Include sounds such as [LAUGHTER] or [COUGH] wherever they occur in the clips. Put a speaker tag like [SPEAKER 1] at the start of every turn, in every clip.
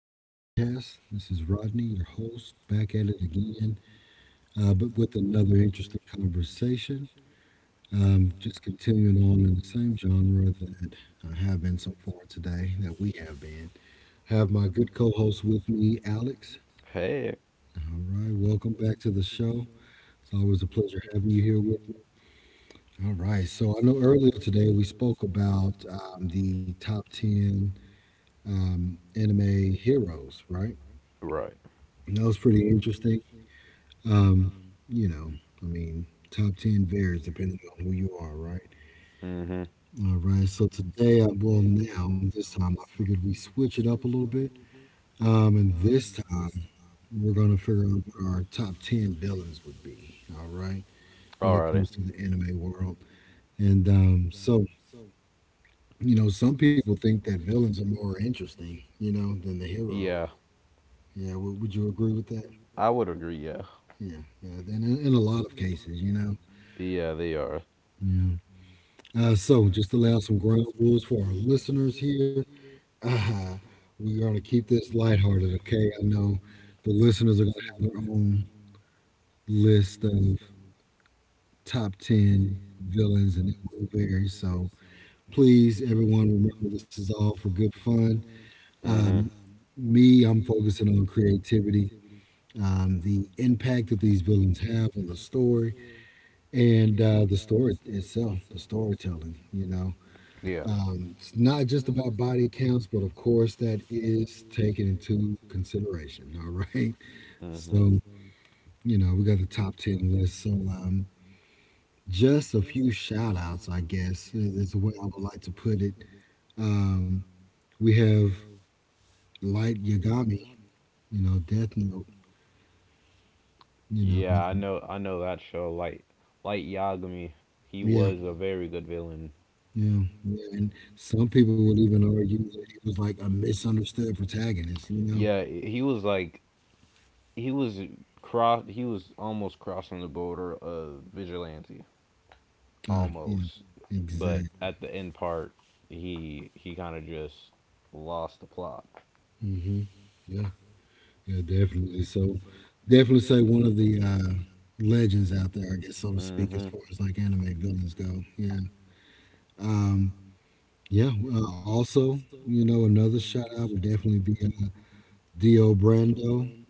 [SPEAKER 1] Rodcast. This is Rodney, your host, back at it again, but with another interesting conversation. Just continuing on in the same genre that I have been so far today, that we have been. Have my good co host with me, Alex.
[SPEAKER 2] Hey.
[SPEAKER 1] All right, welcome back to the show. It's always a pleasure having you here with me. All right, so I know earlier today we spoke about the top 10 anime heroes, right?
[SPEAKER 2] Right.
[SPEAKER 1] That was pretty interesting. Um, you know, I mean, top 10 varies depending on who you are, right?
[SPEAKER 2] Mm-hmm.
[SPEAKER 1] All right. So today, this time, I figured we switch it up a little bit. And this time, we're going to figure out what our top 10 villains would be, all right, when it
[SPEAKER 2] Alrighty.
[SPEAKER 1] comes to the anime world. And so, you know, some people think that villains are more interesting, you know, than the heroes.
[SPEAKER 2] Yeah,
[SPEAKER 1] Yeah. Would you agree with that?
[SPEAKER 2] I would agree. Yeah.
[SPEAKER 1] Yeah. Yeah. And in a lot of cases, you know?
[SPEAKER 2] Yeah, they are.
[SPEAKER 1] Yeah. So, just to lay out some ground rules for our listeners here, uh, we're going to keep this lighthearted, okay? I know the listeners are going to have their own list of top 10 villains, and it will vary. So, please, everyone, remember this is all for good fun.
[SPEAKER 2] Mm-hmm.
[SPEAKER 1] Um, Me, I'm focusing on creativity, the impact that these villains have on the story, and the story itself, the storytelling, you know.
[SPEAKER 2] Yeah.
[SPEAKER 1] It's not just about body counts, but of course that is taken into consideration. All right. So,
[SPEAKER 2] Mm-hmm.
[SPEAKER 1] you know, we got the top 10 list. So, just a few shout outs, I guess, is the way I would like to put it. Um, we have Light Yagami, you know, Death Note, you know,
[SPEAKER 2] Yeah, I know. I know that show. Like Yagami, he
[SPEAKER 1] yeah,
[SPEAKER 2] was a very good villain.
[SPEAKER 1] yeah. And some people would even argue that he was like a misunderstood protagonist, you know?
[SPEAKER 2] Yeah, he was like, he was cross. He was almost crossing the border of vigilante,
[SPEAKER 1] Yeah,
[SPEAKER 2] almost. But
[SPEAKER 1] exactly.
[SPEAKER 2] at the end part, he kind of just lost the plot.
[SPEAKER 1] Hmm. Yeah. Yeah, definitely. So, definitely say one of the legends out there, I guess, so to speak, as
[SPEAKER 2] Mhm.
[SPEAKER 1] far as like anime villains go. Yeah. Um, yeah. Also, you know, another shout out would definitely be Dio Brando,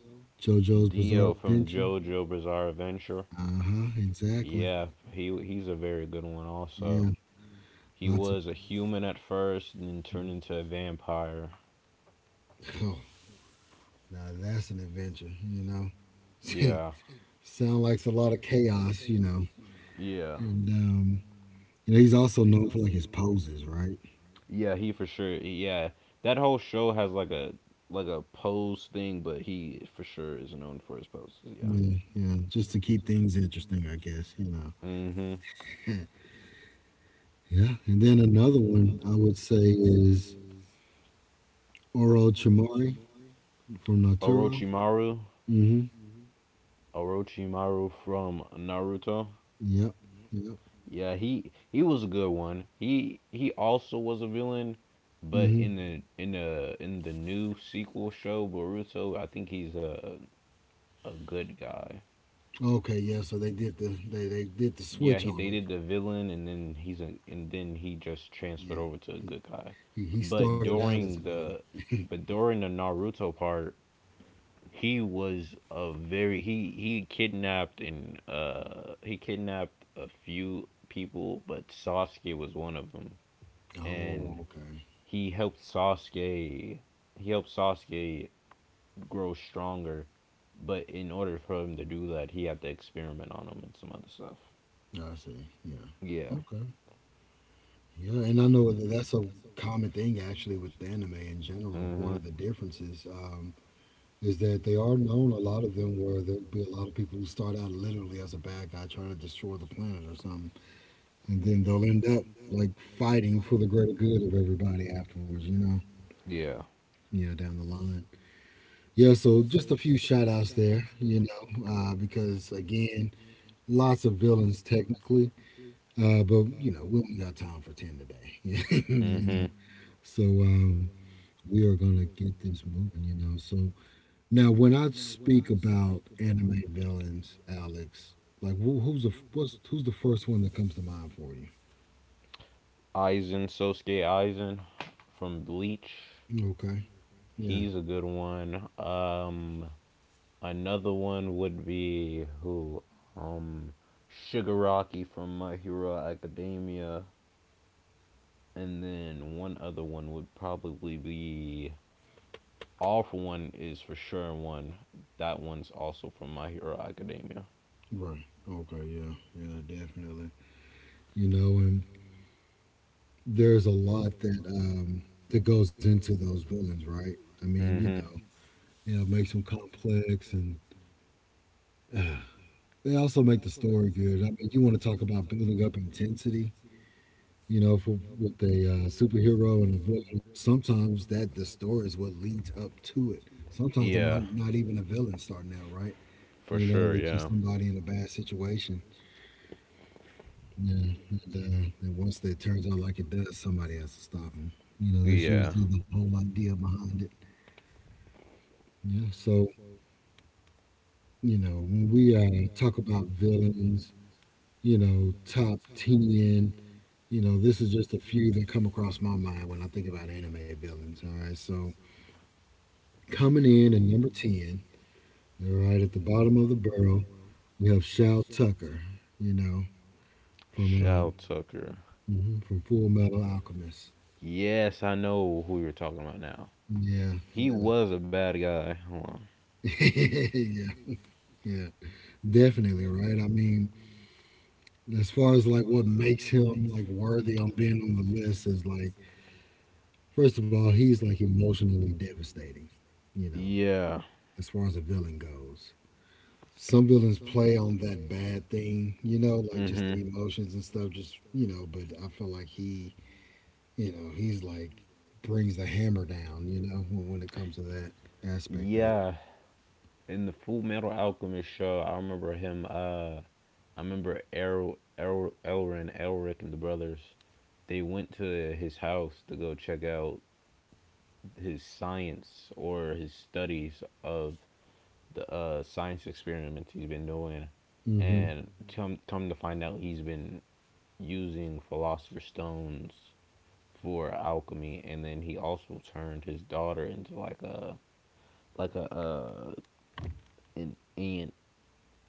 [SPEAKER 2] Yeah.
[SPEAKER 1] JoJo's
[SPEAKER 2] Dio
[SPEAKER 1] Bizarre
[SPEAKER 2] from
[SPEAKER 1] Adventure.
[SPEAKER 2] JoJo Bizarre Adventure.
[SPEAKER 1] Uh huh. Exactly.
[SPEAKER 2] Yeah, he's a very good one also.
[SPEAKER 1] Yeah.
[SPEAKER 2] He
[SPEAKER 1] Lots of.
[SPEAKER 2] was a human at first and then turned into a vampire.
[SPEAKER 1] Oh, now that's an adventure. You know,
[SPEAKER 2] Yeah.
[SPEAKER 1] [LAUGHS] sound like a lot of chaos. You know,
[SPEAKER 2] Yeah.
[SPEAKER 1] and you know he's also known for like his poses, right?
[SPEAKER 2] Yeah, he for sure. Yeah. That whole show has like a pose thing, but he for sure is known for his poses, yeah.
[SPEAKER 1] Yeah, yeah, just to keep things interesting, I guess, you know.
[SPEAKER 2] Mhm.
[SPEAKER 1] [LAUGHS] Yeah, and then another one I would say is Oro Chamori from Naturo.
[SPEAKER 2] Orochimaru,
[SPEAKER 1] Mm-hmm.
[SPEAKER 2] Orochimaru from Naruto.
[SPEAKER 1] Yep, yep.
[SPEAKER 2] Yeah, he was a good one. He also was a villain, but
[SPEAKER 1] Mm-hmm.
[SPEAKER 2] in the new sequel show Boruto, I think he's a good guy.
[SPEAKER 1] Okay, yeah, so they did the
[SPEAKER 2] Yeah,
[SPEAKER 1] switch
[SPEAKER 2] he
[SPEAKER 1] on him.
[SPEAKER 2] dated the villain, and then he just transferred
[SPEAKER 1] Yeah.
[SPEAKER 2] over to a
[SPEAKER 1] He,
[SPEAKER 2] good guy.
[SPEAKER 1] he
[SPEAKER 2] But
[SPEAKER 1] started out as a
[SPEAKER 2] during
[SPEAKER 1] villain.
[SPEAKER 2] the but during the Naruto part, he was a very he kidnapped a few people, but Sasuke was one of them,
[SPEAKER 1] Oh,
[SPEAKER 2] and
[SPEAKER 1] okay.
[SPEAKER 2] he helped Sasuke he helped Sasuke grow stronger. But in order for him to do that, he had to experiment on him and some other stuff.
[SPEAKER 1] I see. Yeah.
[SPEAKER 2] Yeah.
[SPEAKER 1] Okay. Yeah, and I know that that's a common thing actually with anime in general. One of
[SPEAKER 2] Mhm.
[SPEAKER 1] the differences is that they are known, a lot of them, where there'll be a lot of people who start out literally as a bad guy trying to destroy the planet or something. And then they'll end up like fighting for the greater good of everybody afterwards, you know?
[SPEAKER 2] Yeah.
[SPEAKER 1] Yeah, down the line. Yeah, so just a few shout outs there, you know, because again, lots of villains technically, but you know, we only got time for 10 today, [LAUGHS] you
[SPEAKER 2] Mhm.
[SPEAKER 1] know? So we are going to get this moving, you know? So now, when I speak about anime villains, Alex, like who's the first one that comes to mind for you?
[SPEAKER 2] Aizen Sosuke Aizen from Bleach.
[SPEAKER 1] Okay. Yeah.
[SPEAKER 2] He's a good one. Another one would be, um, Sugar Rocky from My Hero Academia. And then one other one would probably be All for One, is for sure one. That one's also from My Hero Academia.
[SPEAKER 1] Right. Okay. Yeah. Yeah. Definitely. You know, and there's a lot that that goes into those villains, right? I mean, you
[SPEAKER 2] Mm-hmm.
[SPEAKER 1] know, yeah, it makes them complex, and uh, they also make the story good. I mean, you want to talk about building up intensity? You know, for, with a superhero and a villain. Sometimes that the story is what leads up to it. Sometimes they're
[SPEAKER 2] Yeah,
[SPEAKER 1] not even a villain starting out, right?
[SPEAKER 2] for
[SPEAKER 1] You know,
[SPEAKER 2] sure.
[SPEAKER 1] they're just
[SPEAKER 2] Yeah,
[SPEAKER 1] somebody in a bad situation. Yeah, and then once that turns out like it does, somebody has to stop them. You know, that's
[SPEAKER 2] yeah.
[SPEAKER 1] usually the whole idea behind it. Yeah, so you know, when we talk about villains, you know, top ten, you know, this is just a few that come across my mind when I think about anime villains. All right, so coming in at number 10, all right, at the bottom of the barrel, we have Shal Tucker, you know, from
[SPEAKER 2] Shao Tucker.
[SPEAKER 1] mhm, from Full Metal Alchemist.
[SPEAKER 2] Yes, I know who you're talking about now.
[SPEAKER 1] Yeah,
[SPEAKER 2] He
[SPEAKER 1] yeah.
[SPEAKER 2] was a bad guy. Hold on.
[SPEAKER 1] [LAUGHS] Yeah, yeah. Definitely, right? I mean, as far as like what makes him like worthy on being on the list is like, first of all, he's like emotionally devastating, you know,
[SPEAKER 2] Yeah.
[SPEAKER 1] as far as a villain goes. Some villains play on that bad thing, you know, like just
[SPEAKER 2] Mm-hmm.
[SPEAKER 1] the emotions and stuff, just, you know, but I feel like he's like brings the hammer down, you know, when it comes to that aspect of it.
[SPEAKER 2] Yeah, in the Full Metal Alchemist show, I remember him. I remember Elric, and the brothers. They went to his house to go check out his science, or his studies of the science experiments he's been doing.
[SPEAKER 1] Hmm.
[SPEAKER 2] And come to find out, he's been using philosopher's stones for alchemy, and then he also turned his daughter into like a uh an ant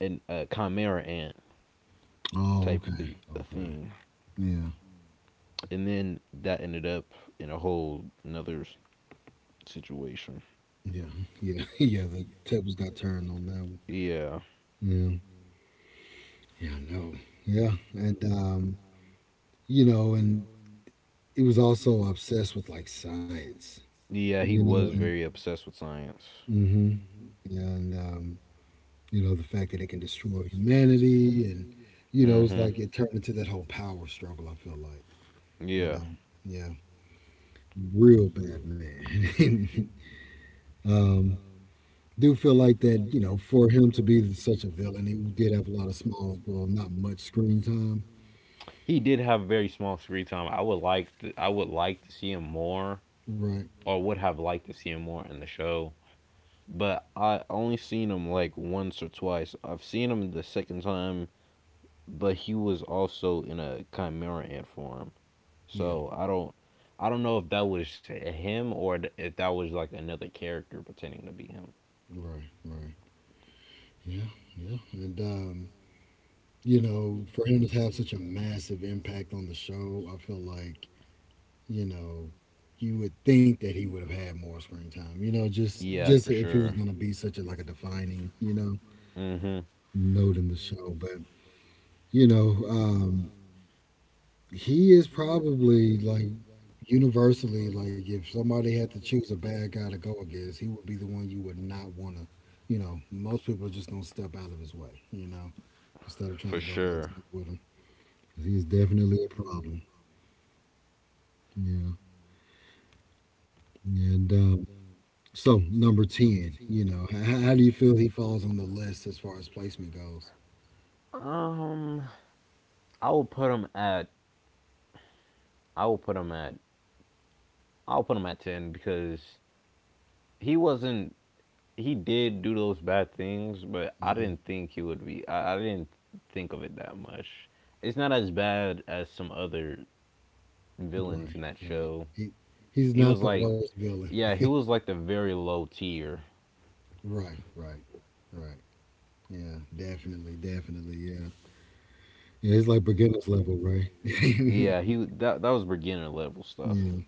[SPEAKER 2] a chimera ant
[SPEAKER 1] Oh,
[SPEAKER 2] type
[SPEAKER 1] okay.
[SPEAKER 2] thing.
[SPEAKER 1] Okay. Yeah.
[SPEAKER 2] And then that ended up in a whole another situation.
[SPEAKER 1] Yeah, yeah, [LAUGHS] yeah. The tables got turned on that one.
[SPEAKER 2] Yeah,
[SPEAKER 1] Yeah, yeah, I know. Yeah, and you know, and he was also obsessed with like science,
[SPEAKER 2] yeah,
[SPEAKER 1] you
[SPEAKER 2] he
[SPEAKER 1] know,
[SPEAKER 2] was
[SPEAKER 1] and
[SPEAKER 2] very obsessed with science.
[SPEAKER 1] hmm yeah, and you know, the fact that it can destroy humanity, and you know, it's
[SPEAKER 2] Hmm.
[SPEAKER 1] like it turned into that whole power struggle. I feel like, you
[SPEAKER 2] Yeah.
[SPEAKER 1] know, yeah, real bad man. [LAUGHS] um, do feel like that, you know, for him to be such a villain, he did have a lot of small, well, not much screen time.
[SPEAKER 2] He did have very small screen time. I would like to see him more,
[SPEAKER 1] Right.
[SPEAKER 2] or would have liked to see him more in the show. But I only seen him like once or twice. I've seen him the second time, but he was also in a chimera ant form.
[SPEAKER 1] Yeah.
[SPEAKER 2] So I don't know if that was him, or if that was like another character pretending to be him.
[SPEAKER 1] Right. Right. Yeah. Yeah. And you know, for him to have such a massive impact on the show, I feel like you know. You would think that he would have had more screen time, you know,
[SPEAKER 2] Yeah,
[SPEAKER 1] just
[SPEAKER 2] for
[SPEAKER 1] if it was
[SPEAKER 2] sure.
[SPEAKER 1] gonna be such a like a defining, you know,
[SPEAKER 2] Mhm.
[SPEAKER 1] note in the show. But you know, he is probably like universally like if somebody had to choose a bad guy to go against, he would be the one you would not want to. You know, most people are just gonna step out of his way. You know, instead of trying
[SPEAKER 2] For
[SPEAKER 1] to go heads
[SPEAKER 2] sure.
[SPEAKER 1] up with him, 'cause he is definitely a problem. Yeah, and so number ten. You know, how do you feel he falls on the list as far as placement goes?
[SPEAKER 2] Um, I will put him at. I will put him at. I'll put him at 10 because he wasn't he did do those bad things, but I
[SPEAKER 1] Hmm.
[SPEAKER 2] didn't think he would be. I didn't think of it that much. It's not as bad as some other villains
[SPEAKER 1] Right,
[SPEAKER 2] in that
[SPEAKER 1] right.
[SPEAKER 2] show.
[SPEAKER 1] He he's
[SPEAKER 2] He
[SPEAKER 1] not
[SPEAKER 2] was
[SPEAKER 1] the
[SPEAKER 2] like,
[SPEAKER 1] worst villain.
[SPEAKER 2] yeah, he was like the very low tier.
[SPEAKER 1] Right, right, right. Yeah, definitely. Yeah. Yeah, it's like beginner's level, right? [LAUGHS] Yeah,
[SPEAKER 2] Yeah, he that that was beginner level stuff.
[SPEAKER 1] yeah,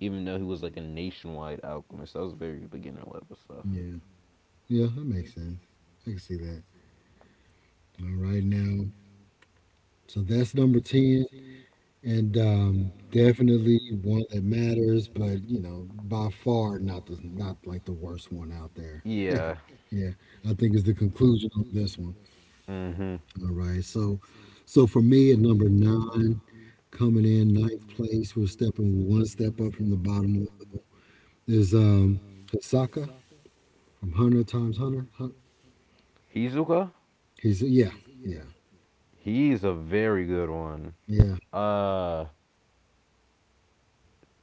[SPEAKER 2] Even though he was like a nationwide alchemist, that was very beginner level stuff.
[SPEAKER 1] yeah. That makes sense. I can see that. All right, now, so that's number ten, and definitely one that matters, but you know, by far not like the worst one out there.
[SPEAKER 2] Yeah.
[SPEAKER 1] [LAUGHS] Yeah, I think is the conclusion on this one.
[SPEAKER 2] Mhm.
[SPEAKER 1] All right, so so for me at number nine, coming in ninth place, we're stepping one step up from the bottom level. Is Hisaka from Hunter Times Hunter.
[SPEAKER 2] Hizuka,
[SPEAKER 1] He's yeah, yeah,
[SPEAKER 2] he's a very good one.
[SPEAKER 1] yeah,
[SPEAKER 2] Uh,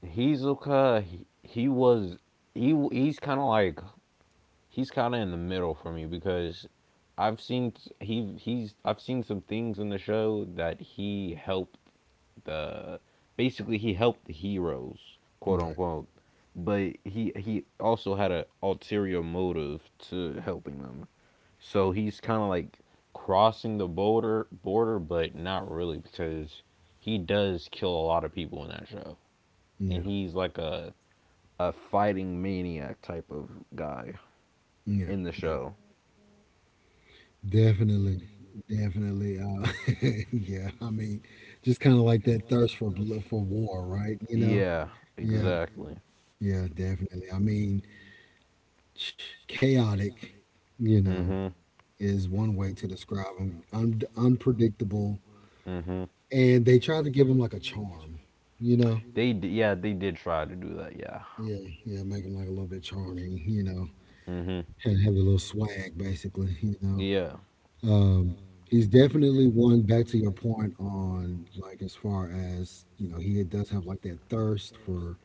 [SPEAKER 2] Hizuka, he was he he's kind of like he's kind of in the middle for me, because I've seen I've seen some things in the show that he helped the basically he helped the heroes, quote
[SPEAKER 1] right,
[SPEAKER 2] unquote, but he also had an ulterior motive to helping them. So he's kind of like crossing the border, but not really, because he does kill a lot of people in that show, and
[SPEAKER 1] yeah,
[SPEAKER 2] he's like a fighting maniac type of guy
[SPEAKER 1] yeah,
[SPEAKER 2] in the
[SPEAKER 1] yeah,
[SPEAKER 2] show.
[SPEAKER 1] definitely, definitely. [LAUGHS] Yeah, I mean, just kind of like that for war, right? You know,
[SPEAKER 2] Yeah,
[SPEAKER 1] yeah,
[SPEAKER 2] exactly.
[SPEAKER 1] yeah, definitely. I mean, [SNIFFS] [TSK] chaotic, you know,
[SPEAKER 2] Hmm.
[SPEAKER 1] is one way to describe him. Unpredictable,
[SPEAKER 2] Hmm.
[SPEAKER 1] and they try to give him like a charm, you know.
[SPEAKER 2] Yeah, they did try to do that. Yeah.
[SPEAKER 1] Yeah, yeah, make him like a little bit charming, you know,
[SPEAKER 2] Hmm.
[SPEAKER 1] and have a little swag, basically, you know.
[SPEAKER 2] Yeah.
[SPEAKER 1] Um, he's definitely one. Back to your point on like as far as you know, he does have like that thirst for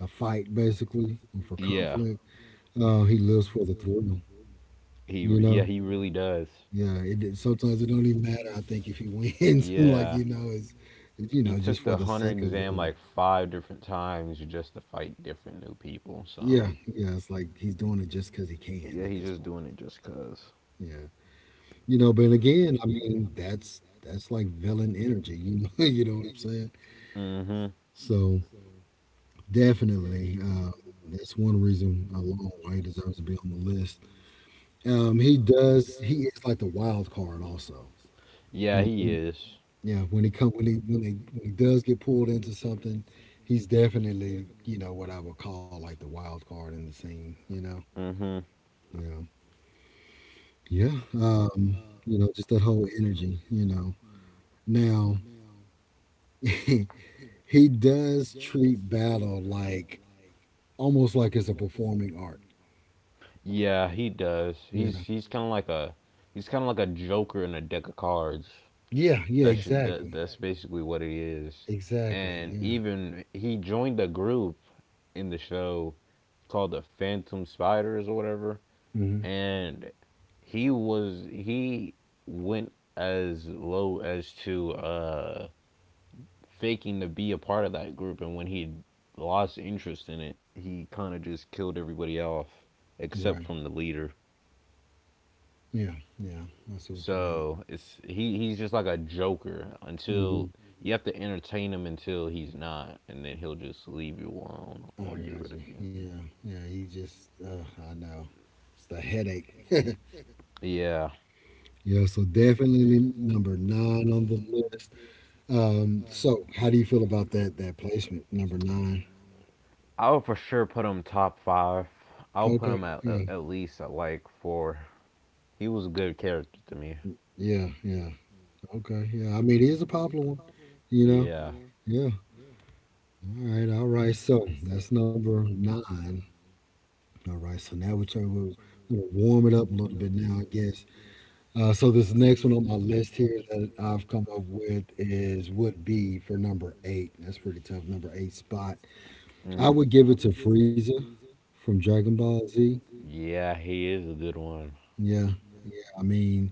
[SPEAKER 1] a fight, basically, and for
[SPEAKER 2] Yeah.
[SPEAKER 1] conflict. He lives for the thrill,
[SPEAKER 2] He r-
[SPEAKER 1] you
[SPEAKER 2] yeah,
[SPEAKER 1] know.
[SPEAKER 2] he really does.
[SPEAKER 1] Yeah, sometimes it don't even matter. I think if he [LAUGHS] wins, like
[SPEAKER 2] Yeah.
[SPEAKER 1] you know, it's you
[SPEAKER 2] He
[SPEAKER 1] know just
[SPEAKER 2] took
[SPEAKER 1] for
[SPEAKER 2] the
[SPEAKER 1] the
[SPEAKER 2] hunter
[SPEAKER 1] sake of
[SPEAKER 2] exam
[SPEAKER 1] doing it.
[SPEAKER 2] like five different times just to fight different new people. So
[SPEAKER 1] Yeah, yeah, it's like he's doing it just because he can
[SPEAKER 2] yeah,
[SPEAKER 1] at
[SPEAKER 2] he's
[SPEAKER 1] this
[SPEAKER 2] just
[SPEAKER 1] point.
[SPEAKER 2] doing it just because.
[SPEAKER 1] Yeah, you know, but again, I mean, that's like villain energy. You know, [LAUGHS] you know what I'm saying?
[SPEAKER 2] Hmm.
[SPEAKER 1] So definitely. That's one reason alone why he deserves to be on the list. He does. He is like the wild card, also. You
[SPEAKER 2] Yeah, he
[SPEAKER 1] know,
[SPEAKER 2] is.
[SPEAKER 1] yeah. When he come, when he when he, when he does get pulled into something, he's definitely you know what I would call like the wild card in the scene. You know.
[SPEAKER 2] Mm-hmm.
[SPEAKER 1] Yeah. Yeah. You know, just that whole energy. You know. Now [LAUGHS] he does treat battle like almost like it's a performing art.
[SPEAKER 2] Yeah, he does.
[SPEAKER 1] Yeah.
[SPEAKER 2] He's kind of like a joker in a deck of cards.
[SPEAKER 1] Yeah. Yeah.
[SPEAKER 2] That's Yeah, ju- that
[SPEAKER 1] Exactly.
[SPEAKER 2] that's exactly. basically what it is.
[SPEAKER 1] Exactly.
[SPEAKER 2] And exactly,
[SPEAKER 1] Yeah.
[SPEAKER 2] even he joined a group in the show called the Phantom Spiders or whatever,
[SPEAKER 1] Hmm.
[SPEAKER 2] and he went as low as to faking to be a part of that group. And when he lost interest in it, he kind of just killed everybody off, except
[SPEAKER 1] Right.
[SPEAKER 2] from the leader.
[SPEAKER 1] Yeah. Yeah. I see what you mean.
[SPEAKER 2] So it's he he's just like a joker, until
[SPEAKER 1] Hmm.
[SPEAKER 2] you have to entertain him, until he's not, and then he'll just leave you alone
[SPEAKER 1] I
[SPEAKER 2] or
[SPEAKER 1] got
[SPEAKER 2] get rid of
[SPEAKER 1] you.
[SPEAKER 2] you.
[SPEAKER 1] Yeah. Yeah. He just. I know. It's the headache. [LAUGHS]
[SPEAKER 2] Yeah,
[SPEAKER 1] Yeah. So definitely number nine on the list. So how do you feel about that? That placement number nine.
[SPEAKER 2] I would for sure put him top five. I'll
[SPEAKER 1] Okay.
[SPEAKER 2] put him at
[SPEAKER 1] Yeah.
[SPEAKER 2] at at least at like four. He was a good character to me.
[SPEAKER 1] Yeah. Yeah. Okay. Yeah. I mean, it is a popular one, You know.
[SPEAKER 2] Yeah.
[SPEAKER 1] Yeah. All right. All right. So that's number nine. All right. So now we're trying to we're gonna warm it up a little bit now, I guess. So this next one on my list here that I've come up with is would be for number eight. That's pretty tough, number eight spot. I
[SPEAKER 2] Mm.
[SPEAKER 1] would give it to Frieza from Dragon Ball Z.
[SPEAKER 2] Yeah, he is a good one.
[SPEAKER 1] Yeah, yeah. I mean,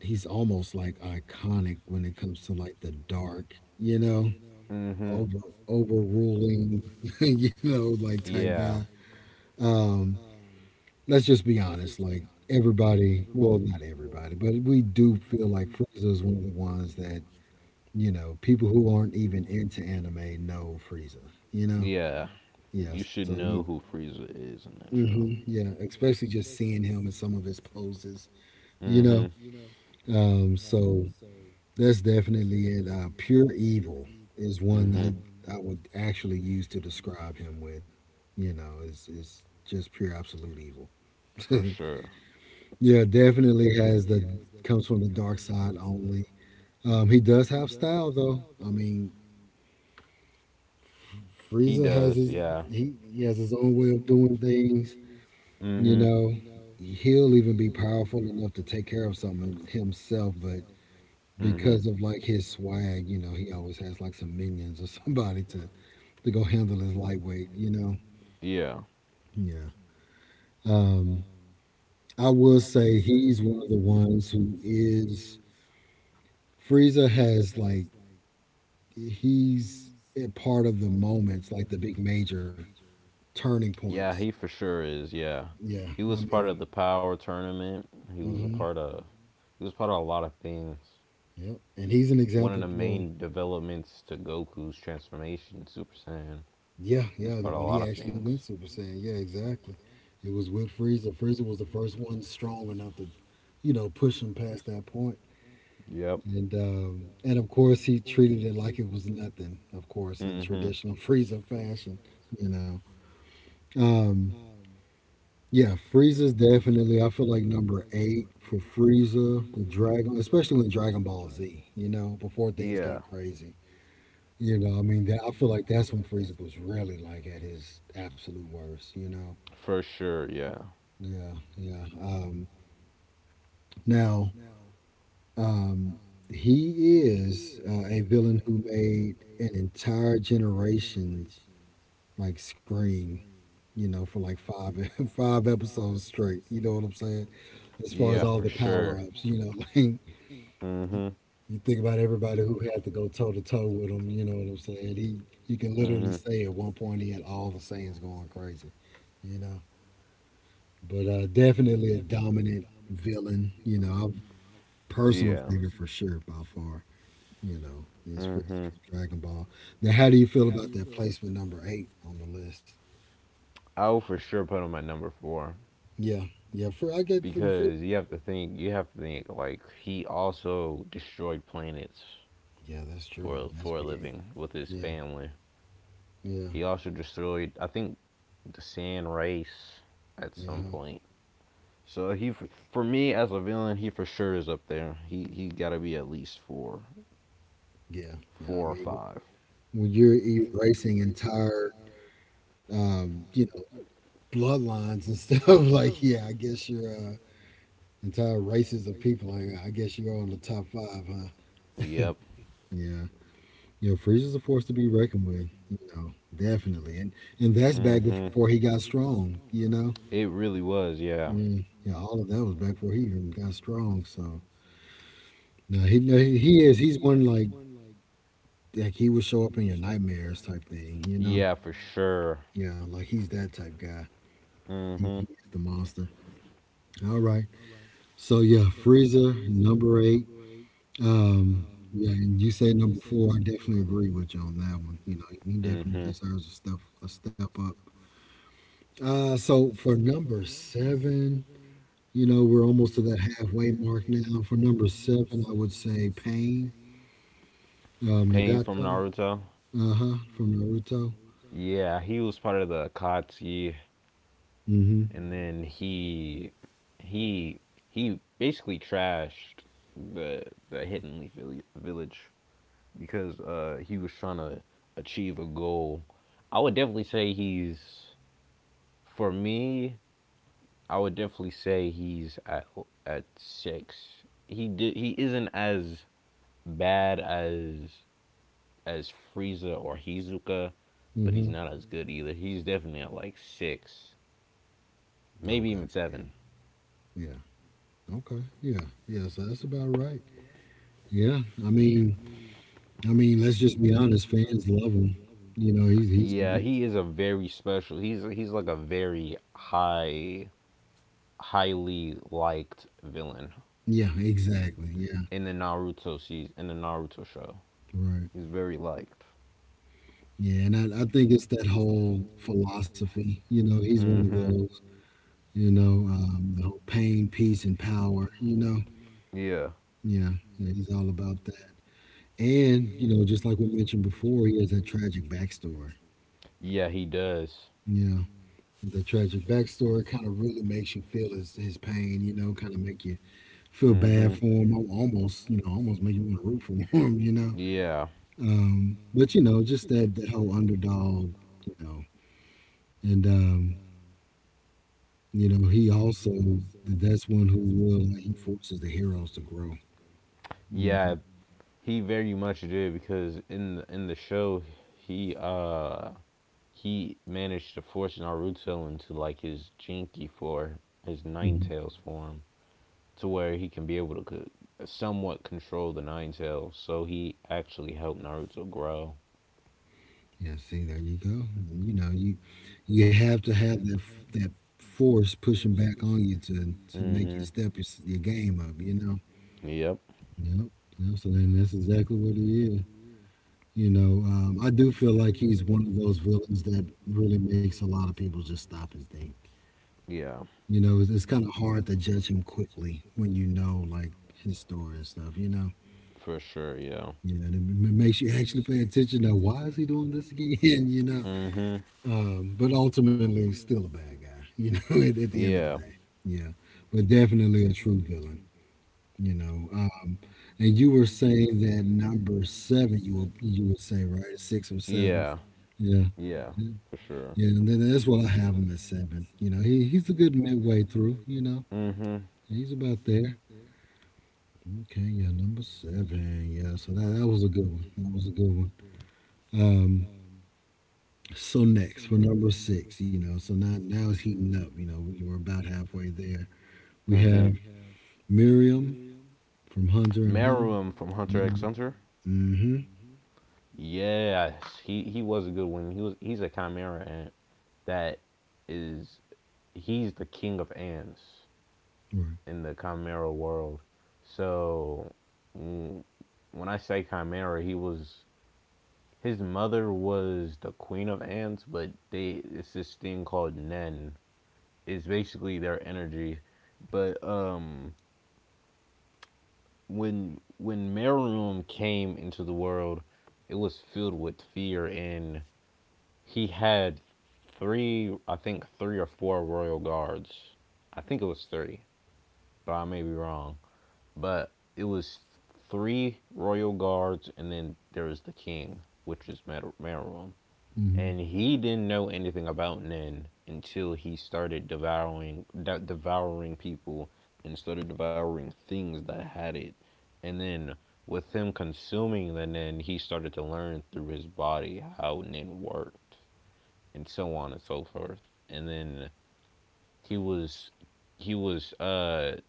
[SPEAKER 1] he's almost like iconic when it comes to like the dark, you know,
[SPEAKER 2] Mhm.
[SPEAKER 1] over overruling, [LAUGHS] you know, like type guy.
[SPEAKER 2] Yeah.
[SPEAKER 1] Um, let's just be honest, like everybody, well, not everybody, but we do feel like Frieza is one of the ones that you know, people who aren't even into anime know Frieza. You know,
[SPEAKER 2] Yeah.
[SPEAKER 1] yeah.
[SPEAKER 2] You should know who cool. Frieza is in that
[SPEAKER 1] Hmm
[SPEAKER 2] show.
[SPEAKER 1] yeah,
[SPEAKER 2] Hmm.
[SPEAKER 1] especially just seeing him in some of his poses. You know,
[SPEAKER 2] Mm-hmm.
[SPEAKER 1] so that's definitely it. Pure evil is one
[SPEAKER 2] Mm-hmm.
[SPEAKER 1] I would
[SPEAKER 2] I
[SPEAKER 1] actually use to describe him with. You know, is just pure absolute evil.
[SPEAKER 2] For sure.
[SPEAKER 1] [LAUGHS] Yeah, definitely has the comes from the dark side only. He does have style though. I mean,
[SPEAKER 2] He
[SPEAKER 1] Frieza has
[SPEAKER 2] does,
[SPEAKER 1] his
[SPEAKER 2] yeah.
[SPEAKER 1] he has his own way of doing things. You know,
[SPEAKER 2] Mm-hmm.
[SPEAKER 1] he'll even be powerful enough to take care of something himself, but because of
[SPEAKER 2] Mm-hmm.
[SPEAKER 1] like his swag, you know, he always has like some minions or [LAUGHS] somebody to go handle his lightweight. You know,
[SPEAKER 2] Yeah.
[SPEAKER 1] yeah. Um, I will say he's one of the ones who is Frieza has like he's a part of the moments, like the big major turning
[SPEAKER 2] Yeah,
[SPEAKER 1] points.
[SPEAKER 2] he for sure is, yeah.
[SPEAKER 1] Yeah,
[SPEAKER 2] He
[SPEAKER 1] I
[SPEAKER 2] was part of
[SPEAKER 1] mean.
[SPEAKER 2] the power tournament. He was a
[SPEAKER 1] Mhm.
[SPEAKER 2] part of he was part of a lot of things.
[SPEAKER 1] Yep. And he's an
[SPEAKER 2] One of
[SPEAKER 1] example.
[SPEAKER 2] the definitely.
[SPEAKER 1] Well,
[SPEAKER 2] main developments to Goku's transformation, Super Saiyan.
[SPEAKER 1] yeah,
[SPEAKER 2] He was
[SPEAKER 1] yeah.
[SPEAKER 2] part of a
[SPEAKER 1] When
[SPEAKER 2] lot
[SPEAKER 1] he
[SPEAKER 2] of
[SPEAKER 1] actually went
[SPEAKER 2] things.
[SPEAKER 1] Super Saiyan, yeah, exactly. It was with Frieza. Frieza was the first one strong enough to, you know, push him past that point.
[SPEAKER 2] Saiyan purple. Yep.
[SPEAKER 1] And of course he treated it like it was nothing. Of course, in
[SPEAKER 2] In. Mm-hmm.
[SPEAKER 1] traditional [LAUGHS] Frieza fashion, you know. Um, yeah, Frieza's definitely. I feel like number eight for Frieza with Dragon, especially with Dragon Ball Z. You know, before things got
[SPEAKER 2] Yeah.
[SPEAKER 1] crazy. You know, I mean, that, I feel like that's when Frieza was really like at his absolute worst. You know,
[SPEAKER 2] For sure, yeah.
[SPEAKER 1] yeah, yeah. Now, um, he is a villain who made an entire generation's like scream. You know, for like five [LAUGHS] five episodes straight. You know what I'm saying? As far
[SPEAKER 2] Yeah,
[SPEAKER 1] as
[SPEAKER 2] as
[SPEAKER 1] all
[SPEAKER 2] for
[SPEAKER 1] the
[SPEAKER 2] sure.
[SPEAKER 1] power ups, you know, [LAUGHS] like
[SPEAKER 2] [LAUGHS] Like. Mhm. You.
[SPEAKER 1] you think about everybody who had to go toe to toe with him. You know what I'm saying? He, you can literally
[SPEAKER 2] Mhm.
[SPEAKER 1] say
[SPEAKER 2] Can.
[SPEAKER 1] at one point he had all the Saiyans going crazy. You know, but definitely a dominant villain. You know, a personal
[SPEAKER 2] Yeah.
[SPEAKER 1] favorite for sure by far. You know, is
[SPEAKER 2] My four.
[SPEAKER 1] Frieza
[SPEAKER 2] Mhm.
[SPEAKER 1] from Dragon Ball. Now, how do you feel about that placement number eight on the list?
[SPEAKER 2] I will for sure put him my number four,
[SPEAKER 1] Yeah, yeah. For I get for
[SPEAKER 2] because you have to think. You have to think, like, he also destroyed planets
[SPEAKER 1] yeah, that's true.
[SPEAKER 2] for
[SPEAKER 1] That's
[SPEAKER 2] for a
[SPEAKER 1] big.
[SPEAKER 2] living with his
[SPEAKER 1] Yeah,
[SPEAKER 2] family.
[SPEAKER 1] yeah,
[SPEAKER 2] He also destroyed, I think, the Sand Race at
[SPEAKER 1] yeah,
[SPEAKER 2] some
[SPEAKER 1] huh?
[SPEAKER 2] point. So he, for me as a villain, he for sure is up there. He got to be at least four,
[SPEAKER 1] Yeah, yeah. I
[SPEAKER 2] four or
[SPEAKER 1] mean,
[SPEAKER 2] five.
[SPEAKER 1] when you're erasing entire, you know, bloodlines and stuff. [LAUGHS] Like, yeah, I guess your entire races of people. I guess you are on the top five, huh?
[SPEAKER 2] Yep.
[SPEAKER 1] Yeah. You know, Frieza's a force to be reckoned with. You know, definitely, and that's back
[SPEAKER 2] Mhm.
[SPEAKER 1] before he got strong. You know,
[SPEAKER 2] It really was. Yeah.
[SPEAKER 1] yeah, yeah, all of that was back before he even got strong. So no, he no, he is. He's one like he will show up in your nightmares type thing. You know,
[SPEAKER 2] Yeah, for sure.
[SPEAKER 1] yeah, like he's that type guy.
[SPEAKER 2] Mhm.
[SPEAKER 1] He's the monster. All right, so yeah, Frieza number eight. Um, yeah, and you say number four. I definitely agree with you on that one. You know, he definitely
[SPEAKER 2] Mhm.
[SPEAKER 1] deserves a step up. So for number seven, you know, we're almost to that halfway mark now. For number seven, I would say Pain,
[SPEAKER 2] Pain from
[SPEAKER 1] Nagato,
[SPEAKER 2] Naruto.
[SPEAKER 1] uh huh, from Naruto.
[SPEAKER 2] Yeah, he was part of the Akatsuki,
[SPEAKER 1] Mm
[SPEAKER 2] and then he he basically trashed the the Hidden Leaf Village, because he was trying to achieve a goal. I would definitely say he's for me. I would definitely say he's at six. He did. He isn't as bad as Frieza or Hizuka,
[SPEAKER 1] hmm. Mm
[SPEAKER 2] but he's
[SPEAKER 1] hmm.
[SPEAKER 2] not as good either. He's definitely at like six, maybe
[SPEAKER 1] Okay.
[SPEAKER 2] even
[SPEAKER 1] Yeah.
[SPEAKER 2] seven.
[SPEAKER 1] Yeah. Okay. Yeah. Yeah. So that's about right. Yeah. I mean, I mean, let's just be honest. Fans love him. You know, he's
[SPEAKER 2] Yeah, he is a very special. He's like a highly liked villain
[SPEAKER 1] yeah, exactly. Yeah,
[SPEAKER 2] in the Naruto show.
[SPEAKER 1] right.
[SPEAKER 2] He's very liked.
[SPEAKER 1] Yeah, and I think it's that whole philosophy. You know, he's one of
[SPEAKER 2] Mhm.
[SPEAKER 1] those. The whole pain, peace, and power. You know,
[SPEAKER 2] Yeah.
[SPEAKER 1] yeah, yeah, he's all about that. And you know, just like we mentioned before, he has that tragic backstory.
[SPEAKER 2] Yeah, he does.
[SPEAKER 1] Yeah, the tragic backstory kind of really makes you feel his pain. You know, kind of make you feel bad
[SPEAKER 2] Mhm.
[SPEAKER 1] for
[SPEAKER 2] [LAUGHS]
[SPEAKER 1] him. Almost, you know, almost make you want to root for [LAUGHS] him. You know,
[SPEAKER 2] Yeah.
[SPEAKER 1] but you know, just that whole underdog. You know, and you know, he also that's one who will like, he forces the heroes to grow. You know.
[SPEAKER 2] Yeah, he very much did, because in the show, he uh He managed to force Naruto into like his Jinky for his
[SPEAKER 1] Mhm.
[SPEAKER 2] Ninetales form, to where he can be able to somewhat control the Ninetales. So he actually helped Naruto grow.
[SPEAKER 1] Yeah. See, there you go. You know, you have to have that that force pushing back on you to make
[SPEAKER 2] Hmm.
[SPEAKER 1] you step your, your game up. You know.
[SPEAKER 2] Yep.
[SPEAKER 1] Yep. Yep. So then that's exactly what he is. You know, I do feel like he's one of those villains that really makes a lot of people just stop and think.
[SPEAKER 2] Yeah.
[SPEAKER 1] You know, it's kind of hard to judge him quickly when you know like his story and stuff. You know.
[SPEAKER 2] For sure. Yeah.
[SPEAKER 1] Yeah, and it makes you actually pay attention. Now, why is he doing this again, [LAUGHS] you know.
[SPEAKER 2] Hmm.
[SPEAKER 1] But ultimately, he's still a bad guy, you know. [LAUGHS] At the end of the
[SPEAKER 2] Yeah.
[SPEAKER 1] day, yeah, but definitely a true villain, you know. And you were saying that number seven, you would say right six or seven,
[SPEAKER 2] Yeah.
[SPEAKER 1] yeah,
[SPEAKER 2] Yeah. For sure.
[SPEAKER 1] yeah. And then that's what I have him at seven. You know, he's a good midway through. You know,
[SPEAKER 2] Hmm.
[SPEAKER 1] he's about there. Okay, yeah, number seven. Yeah, so that was a good one. That was a good one. Um, So next for number six, you know, so now it's heating up. You know, we were about halfway there. We
[SPEAKER 2] Hmm.
[SPEAKER 1] have Miriam from Hunter and Hunter.
[SPEAKER 2] Maruum from Hunter x Hunter.
[SPEAKER 1] Mm-hmm.
[SPEAKER 2] Yes, he was a good one. He's a chimera ant, that is. He's the king of ants
[SPEAKER 1] Right.
[SPEAKER 2] in the chimera world. So mm, when I say chimera, he was his mother was the queen of ants, but they it's this thing called Nen. It's basically their energy. But when Meruem came into the world, it was filled with fear. And he had three, I think, three or four royal guards. I think it was three, but I may be wrong. But it was three royal guards, and then there was the king, which is Meruem.
[SPEAKER 1] Mm-hmm.
[SPEAKER 2] And he didn't know anything about Nin until he started devouring people, and started devouring things that had it. And then, with him consuming the Nin, he started to learn through his body how Nin worked, and so on and so forth. And then he was he was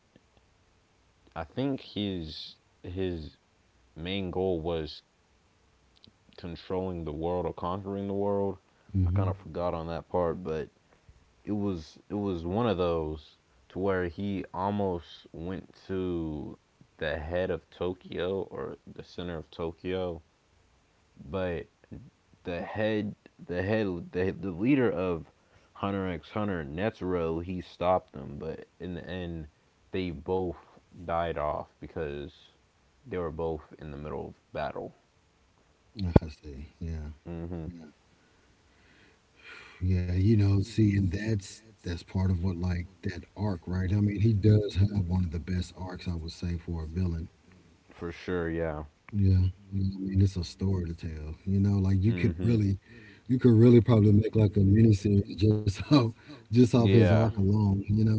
[SPEAKER 2] I think his main goal was controlling the world, or conquering the world. I
[SPEAKER 1] Mm-hmm.
[SPEAKER 2] kind of forgot on that part, but it was one of those to where he almost went to the head of Tokyo, or the center of Tokyo. But the head the head the leader of Hunter X Hunter, Netero, he stopped them. But in the end, they both died off, because they were both in the middle of battle.
[SPEAKER 1] Ah, I see. Yeah.
[SPEAKER 2] Mhm.
[SPEAKER 1] Yeah. Yeah. You know, see, and that's part of what like that arc, right? I mean, he does have one of the best arcs, I would say, for a villain.
[SPEAKER 2] For sure. Yeah.
[SPEAKER 1] Yeah, yeah, I mean, it's a story to tell. You know, like
[SPEAKER 2] Mhm.
[SPEAKER 1] you could really probably make like a mini series just [LAUGHS] just off his arc
[SPEAKER 2] Yeah.
[SPEAKER 1] alone. You know,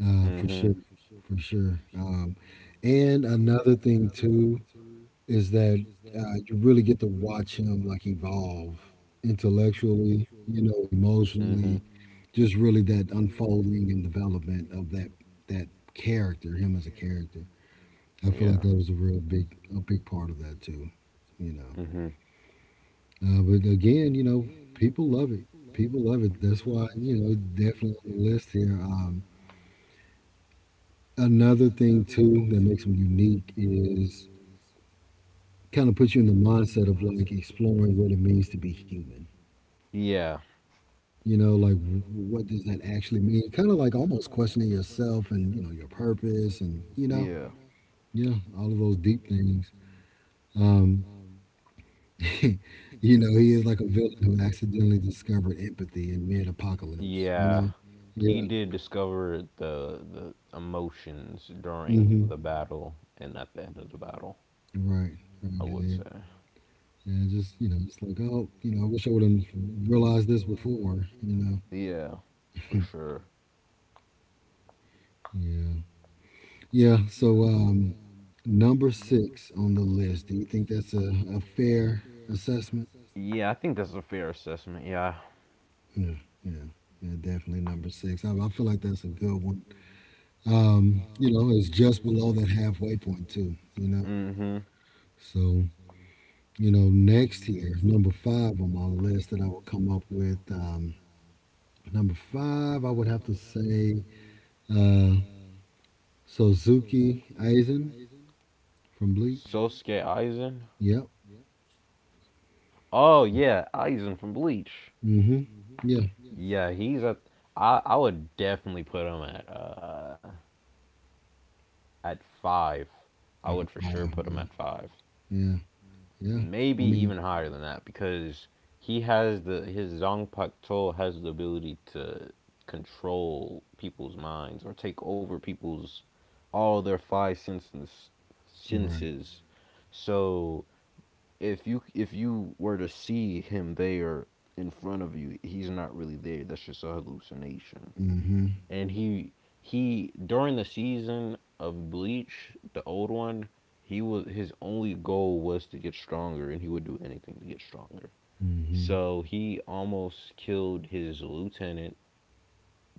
[SPEAKER 1] for
[SPEAKER 2] Mhm.
[SPEAKER 1] sure, for sure. And another thing too is that you really get to watch him like evolve intellectually, you know,
[SPEAKER 2] Mhm.
[SPEAKER 1] emotionally. Just really that unfolding and development of that character, him as a character. I
[SPEAKER 2] Emotionally, yeah.
[SPEAKER 1] feel like that was a real big a big part of that too, you know.
[SPEAKER 2] Mhm.
[SPEAKER 1] But again, you know, people love it. People love it. That's why you know definitely on the list here. Another thing too that makes them unique is kind of puts you in the mindset of like exploring what it means to be human.
[SPEAKER 2] Yeah.
[SPEAKER 1] You know, like what does that actually mean? Kind of like almost questioning yourself and you know your purpose and you know
[SPEAKER 2] Yeah.
[SPEAKER 1] yeah all of those deep things. Um, [LAUGHS] you know, he is like a villain who accidentally discovered empathy in mid-apocalypse. You
[SPEAKER 2] Yeah,
[SPEAKER 1] know, yeah,
[SPEAKER 2] he did discover the emotions during
[SPEAKER 1] hmm
[SPEAKER 2] the battle, and at the end of the battle,
[SPEAKER 1] right, right.
[SPEAKER 2] I would say.
[SPEAKER 1] And just you know, it's like oh, you know, I wish I would have realized this before. You know,
[SPEAKER 2] Yeah, for sure.
[SPEAKER 1] yeah, yeah. So number six on the list. Do you think that's a fair assessment?
[SPEAKER 2] Yeah, I think that's a fair assessment. Yeah.
[SPEAKER 1] Yeah, yeah, yeah. Definitely number six. I feel like that's a good one. You know, it's just below that halfway point too. You know,
[SPEAKER 2] Mm-hmm.
[SPEAKER 1] so you know, next here, number five on my list that I will come up with. Number five, I would have to say uh, Suzuki Eisen from Bleach.
[SPEAKER 2] Sosuke Aizen.
[SPEAKER 1] Yep.
[SPEAKER 2] Oh yeah, Aizen from Bleach.
[SPEAKER 1] Mm-hmm. Yeah.
[SPEAKER 2] Yeah. Yeah, he's a. I would definitely put him at five. I
[SPEAKER 1] Like a
[SPEAKER 2] would for sure
[SPEAKER 1] five.
[SPEAKER 2] put him
[SPEAKER 1] Yeah.
[SPEAKER 2] at five.
[SPEAKER 1] Yeah. Yeah.
[SPEAKER 2] Maybe
[SPEAKER 1] I mean,
[SPEAKER 2] even higher than that because he has the his Zong Pak Tol has the ability to control people's minds or take over people's all their five senses
[SPEAKER 1] right.
[SPEAKER 2] senses. So if you were to see him there in front of you, he's not really there. That's just a hallucination
[SPEAKER 1] Mm-hmm.
[SPEAKER 2] and he during the season of Bleach, the old one, he was his only goal was to get stronger, and he would do anything to get stronger.
[SPEAKER 1] Mm-hmm.
[SPEAKER 2] So he almost killed his lieutenant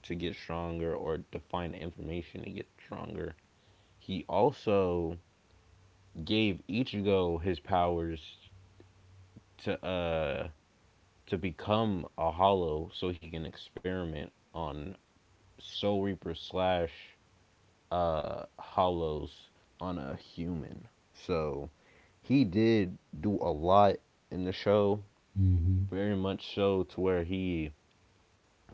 [SPEAKER 2] to get stronger or to find information to get stronger. He also gave Ichigo his powers to to become a hollow so he can experiment on Soul Reaper slash hollows on a human. So he did do a lot in the show,
[SPEAKER 1] Mm-hmm.
[SPEAKER 2] very much so to where he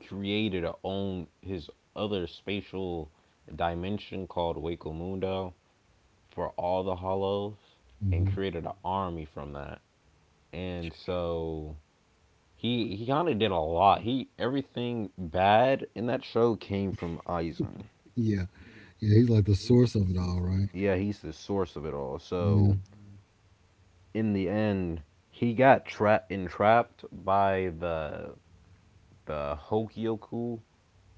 [SPEAKER 2] created a own his other spatial dimension called Waco Mundo for all the hollows and
[SPEAKER 1] Mm-hmm.
[SPEAKER 2] created an army from that. And so he kind of did a lot. He, everything bad in that show came from Aizen.
[SPEAKER 1] Yeah. Yeah. He's like the source of it all, right?
[SPEAKER 2] Yeah, he's the source of it all.
[SPEAKER 1] Yeah.
[SPEAKER 2] So in the end, he got trapped entrapped by the Hokyoku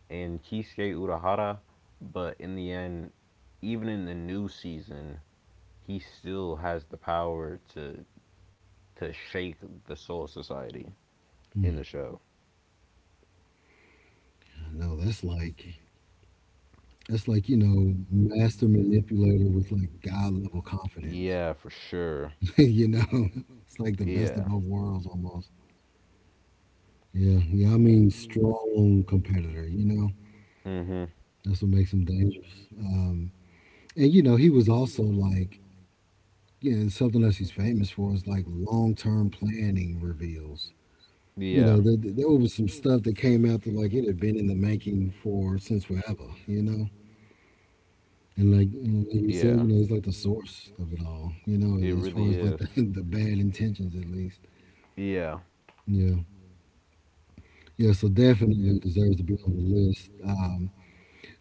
[SPEAKER 2] and Kisuke Urahara, but in the end, even in the new season, he still has the power to shake the Soul Society in
[SPEAKER 1] Yeah.
[SPEAKER 2] the show.
[SPEAKER 1] I know that's like you know master manipulator with like god level confidence.
[SPEAKER 2] Yeah, for sure.
[SPEAKER 1] [LAUGHS] You know, it's like the best of
[SPEAKER 2] Yeah.
[SPEAKER 1] both worlds almost. Yeah, yeah. I mean, strong competitor. You know,
[SPEAKER 2] Mhm.
[SPEAKER 1] that's what makes him dangerous. And you know, he was also like, you know, something else he's famous for is like long-term planning reveals. You
[SPEAKER 2] Yeah.
[SPEAKER 1] know, there was some stuff that came out that like it had been in the making for since forever. You know, and like you said,
[SPEAKER 2] Yeah.
[SPEAKER 1] you know, he's like the source of it all. You
[SPEAKER 2] It
[SPEAKER 1] know, as
[SPEAKER 2] really
[SPEAKER 1] far as like
[SPEAKER 2] is.
[SPEAKER 1] the [LAUGHS] the bad intentions at least.
[SPEAKER 2] Yeah.
[SPEAKER 1] Yeah. Yeah, so definitely deserves to be on the list. Um,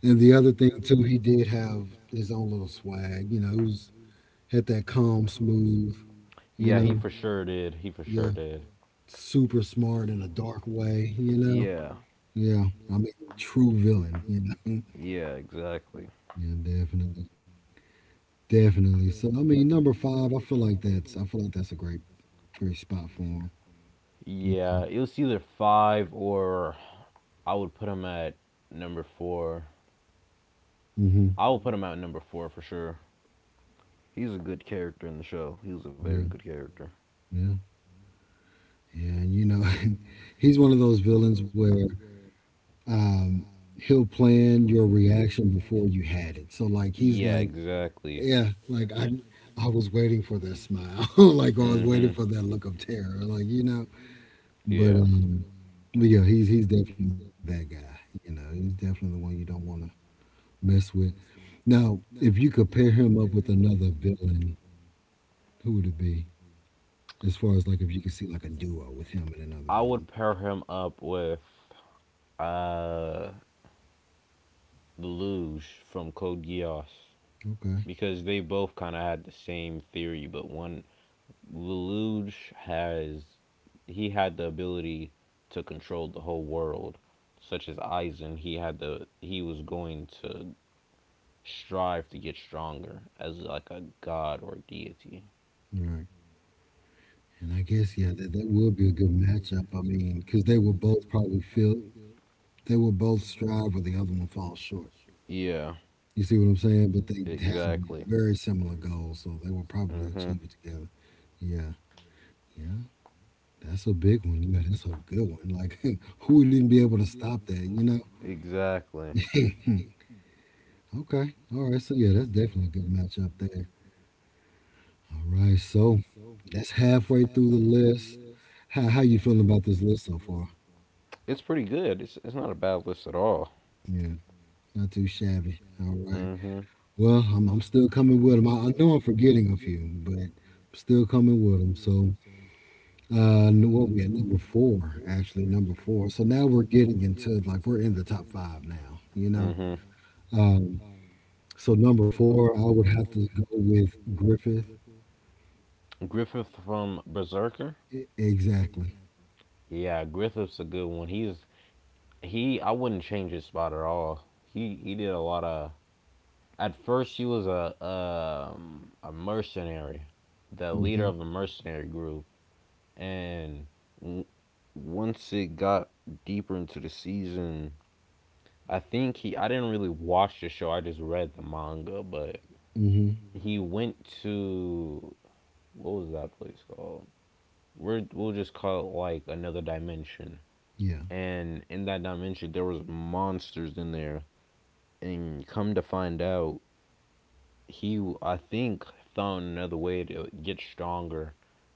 [SPEAKER 1] and the other thing too, he did have his own little swag. You know, he was had that calm, smooth. You
[SPEAKER 2] Yeah, he for
[SPEAKER 1] know,
[SPEAKER 2] sure did. He for sure
[SPEAKER 1] yeah,
[SPEAKER 2] did.
[SPEAKER 1] super smart in a dark way.
[SPEAKER 2] Yeah,
[SPEAKER 1] Yeah, I mean, true villain.
[SPEAKER 2] yeah, exactly.
[SPEAKER 1] [LAUGHS] Yeah, definitely, definitely. So I mean, number five, I feel like that's a great, great spot for him. Yeah.
[SPEAKER 2] Yeah, it was either five or I would put him at number four.
[SPEAKER 1] Hmm.
[SPEAKER 2] I would put him at number four for sure. He's a good character in the show. He was a very
[SPEAKER 1] Yeah.
[SPEAKER 2] good character.
[SPEAKER 1] Yeah. Yeah, and [LAUGHS] he's one of those villains where um, he'll plan your reaction before you had it. So like he's
[SPEAKER 2] Yeah,
[SPEAKER 1] like,
[SPEAKER 2] exactly. [LAUGHS]
[SPEAKER 1] yeah, like I was waiting for that smile, [LAUGHS] like I was waiting
[SPEAKER 2] hmm
[SPEAKER 1] for that look of terror.
[SPEAKER 2] I'm
[SPEAKER 1] But
[SPEAKER 2] Yeah.
[SPEAKER 1] um, but yeah, he's definitely that guy. He's definitely the one you don't want to mess with. Now, if you could pair him up with another villain, who would it be? As far as like if you could see like a duo with him and another
[SPEAKER 2] I would
[SPEAKER 1] villain.
[SPEAKER 2] pair him up with uh Lelouch from Code Geass
[SPEAKER 1] Okay,
[SPEAKER 2] because they both kind of had the same theory, but one Lelouch has he had the ability to control the whole world, such as Aizen. He had the He was going to strive to get stronger as like a god or deity.
[SPEAKER 1] all right. And I guess yeah, that would be a good matchup. I mean, because they will both probably feel they will both strive where the other one falls short.
[SPEAKER 2] Yeah,
[SPEAKER 1] You see what I'm saying? But they have
[SPEAKER 2] exactly.
[SPEAKER 1] very similar
[SPEAKER 2] Yeah.
[SPEAKER 1] goals, so they will probably
[SPEAKER 2] Mhm.
[SPEAKER 1] achieve it together. Yeah, yeah, that's a big one. Yeah, that's a good one. Like, [LAUGHS] who wouldn't be able to stop that? You know?
[SPEAKER 2] Exactly.
[SPEAKER 1] [LAUGHS] okay, all right. So yeah, that's definitely a good matchup there. All right, so that's halfway through the list. How you feeling about this list so far?
[SPEAKER 2] It's pretty good. It's not a bad list at all.
[SPEAKER 1] Yeah, not too shabby. All right.
[SPEAKER 2] Mhm.
[SPEAKER 1] Well, I'm still coming with them. I know I'm forgetting a few, but I'm still coming with them. So, what we at number four, actually, number four. So now we're getting into like we're in the top five now.
[SPEAKER 2] Mhm.
[SPEAKER 1] Um, so number four, I would have to go with Griffith.
[SPEAKER 2] Griffith from Berserker.
[SPEAKER 1] Exactly.
[SPEAKER 2] Yeah, Griffith's a good one. He's He, I wouldn't change his spot at all. He did a lot of. At first, he was a mercenary, the leader
[SPEAKER 1] Mm-hmm.
[SPEAKER 2] of a mercenary group, and w- once it got deeper into the season, I think he. I didn't really watch the show. I just read the manga, but
[SPEAKER 1] Mm-hmm.
[SPEAKER 2] he went to what was that place called? We'll just call it like another dimension.
[SPEAKER 1] Yeah.
[SPEAKER 2] And in that dimension, there was monsters in there and come to find out, he I think found another way to get stronger.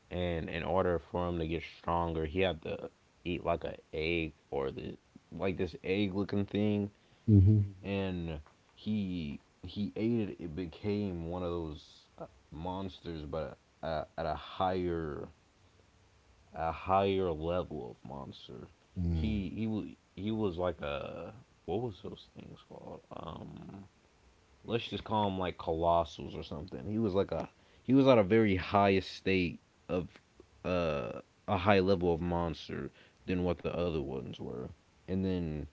[SPEAKER 2] And in order for him to get stronger, he had to eat like an egg or the like this egg looking thing.
[SPEAKER 1] Mm-hmm.
[SPEAKER 2] And he ate it. It became one of those uh, monsters, but at a higher level of monster.
[SPEAKER 1] Mm.
[SPEAKER 2] He he wa- he was like a what was those things called? Let's just call him like colossals or something. He was like a he was at a very high state of uh, a high level of monster than what the other ones were, and then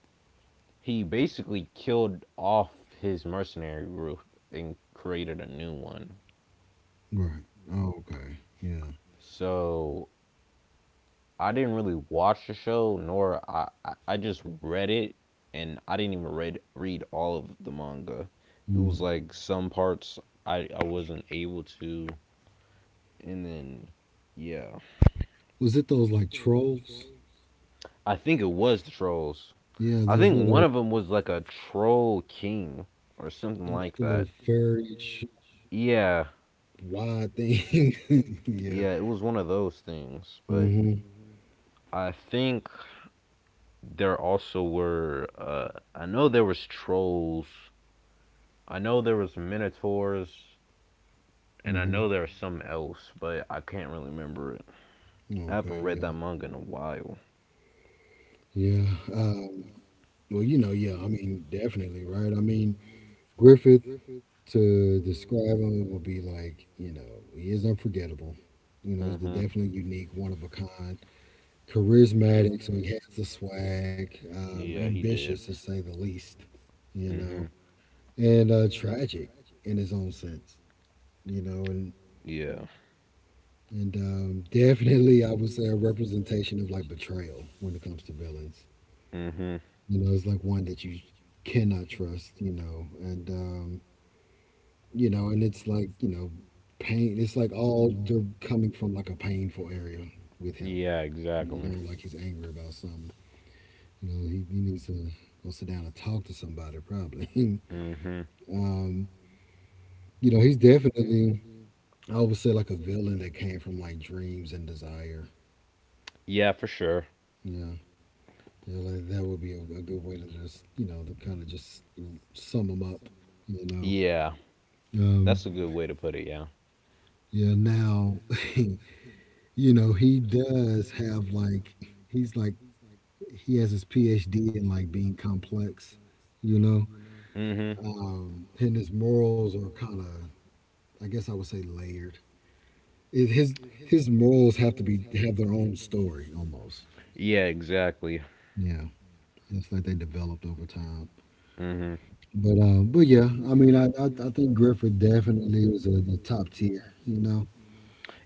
[SPEAKER 2] he basically killed off his mercenary group and created a new one.
[SPEAKER 1] Right. Oh, okay. Yeah.
[SPEAKER 2] So I didn't really watch the show, nor I just read it, and I didn't even read all of the manga. It
[SPEAKER 1] Mm.
[SPEAKER 2] was like some parts I wasn't able to, and then yeah,
[SPEAKER 1] Was it those like trolls?
[SPEAKER 2] I think it was the trolls.
[SPEAKER 1] Yeah,
[SPEAKER 2] I
[SPEAKER 1] those
[SPEAKER 2] think
[SPEAKER 1] little
[SPEAKER 2] one of them was like a troll king or something
[SPEAKER 1] like
[SPEAKER 2] like
[SPEAKER 1] the little
[SPEAKER 2] that.
[SPEAKER 1] fairy
[SPEAKER 2] Yeah,
[SPEAKER 1] wide thing. [LAUGHS] yeah.
[SPEAKER 2] yeah, it was one of those things. But
[SPEAKER 1] Mhm.
[SPEAKER 2] I think there also were. I know there was trolls. I know there was minotaurs, and I
[SPEAKER 1] Mhm.
[SPEAKER 2] know there was some else, but I can't really remember it. I
[SPEAKER 1] Okay.
[SPEAKER 2] haven't read that
[SPEAKER 1] Yeah.
[SPEAKER 2] manga in a while.
[SPEAKER 1] Yeah. Um, well, yeah. I mean, definitely, right? I mean, Griffith to describe him would be like, he is unforgettable. He's
[SPEAKER 2] Mm-hmm.
[SPEAKER 1] definitely unique, one of a kind, charismatic. So he has the swag,
[SPEAKER 2] Yeah, he
[SPEAKER 1] ambitious
[SPEAKER 2] did.
[SPEAKER 1] to say the least. You
[SPEAKER 2] hmm
[SPEAKER 1] know, and tragic in his own sense. You know, and
[SPEAKER 2] Yeah.
[SPEAKER 1] And definitely, I would say a representation of like betrayal when it comes to villains.
[SPEAKER 2] Mhm.
[SPEAKER 1] It's like one that you cannot trust, and it's like, pain. It's like all coming from like a painful area with him.
[SPEAKER 2] Yeah, exactly.
[SPEAKER 1] Like he's angry about something. He needs to go sit down and talk to somebody, probably.
[SPEAKER 2] Mhm.
[SPEAKER 1] [LAUGHS] um, he's definitely, I would say, like a villain that came from like dreams and desire.
[SPEAKER 2] Yeah, for sure.
[SPEAKER 1] Yeah, like that would be a good way to just, to kind of just sum him up, you know.
[SPEAKER 2] Yeah.
[SPEAKER 1] Um,
[SPEAKER 2] That's a good way to put it, yeah.
[SPEAKER 1] yeah, now, [LAUGHS] he does have like, he's like, he has his PhD in like being complex, you know.
[SPEAKER 2] Mhm.
[SPEAKER 1] And his morals are kind of, I guess I would say layered. It, his morals have to be have their own story almost.
[SPEAKER 2] Yeah, exactly.
[SPEAKER 1] Yeah, it's like they developed over time.
[SPEAKER 2] Mhm.
[SPEAKER 1] But yeah, I mean, I think Griffith definitely is the top tier,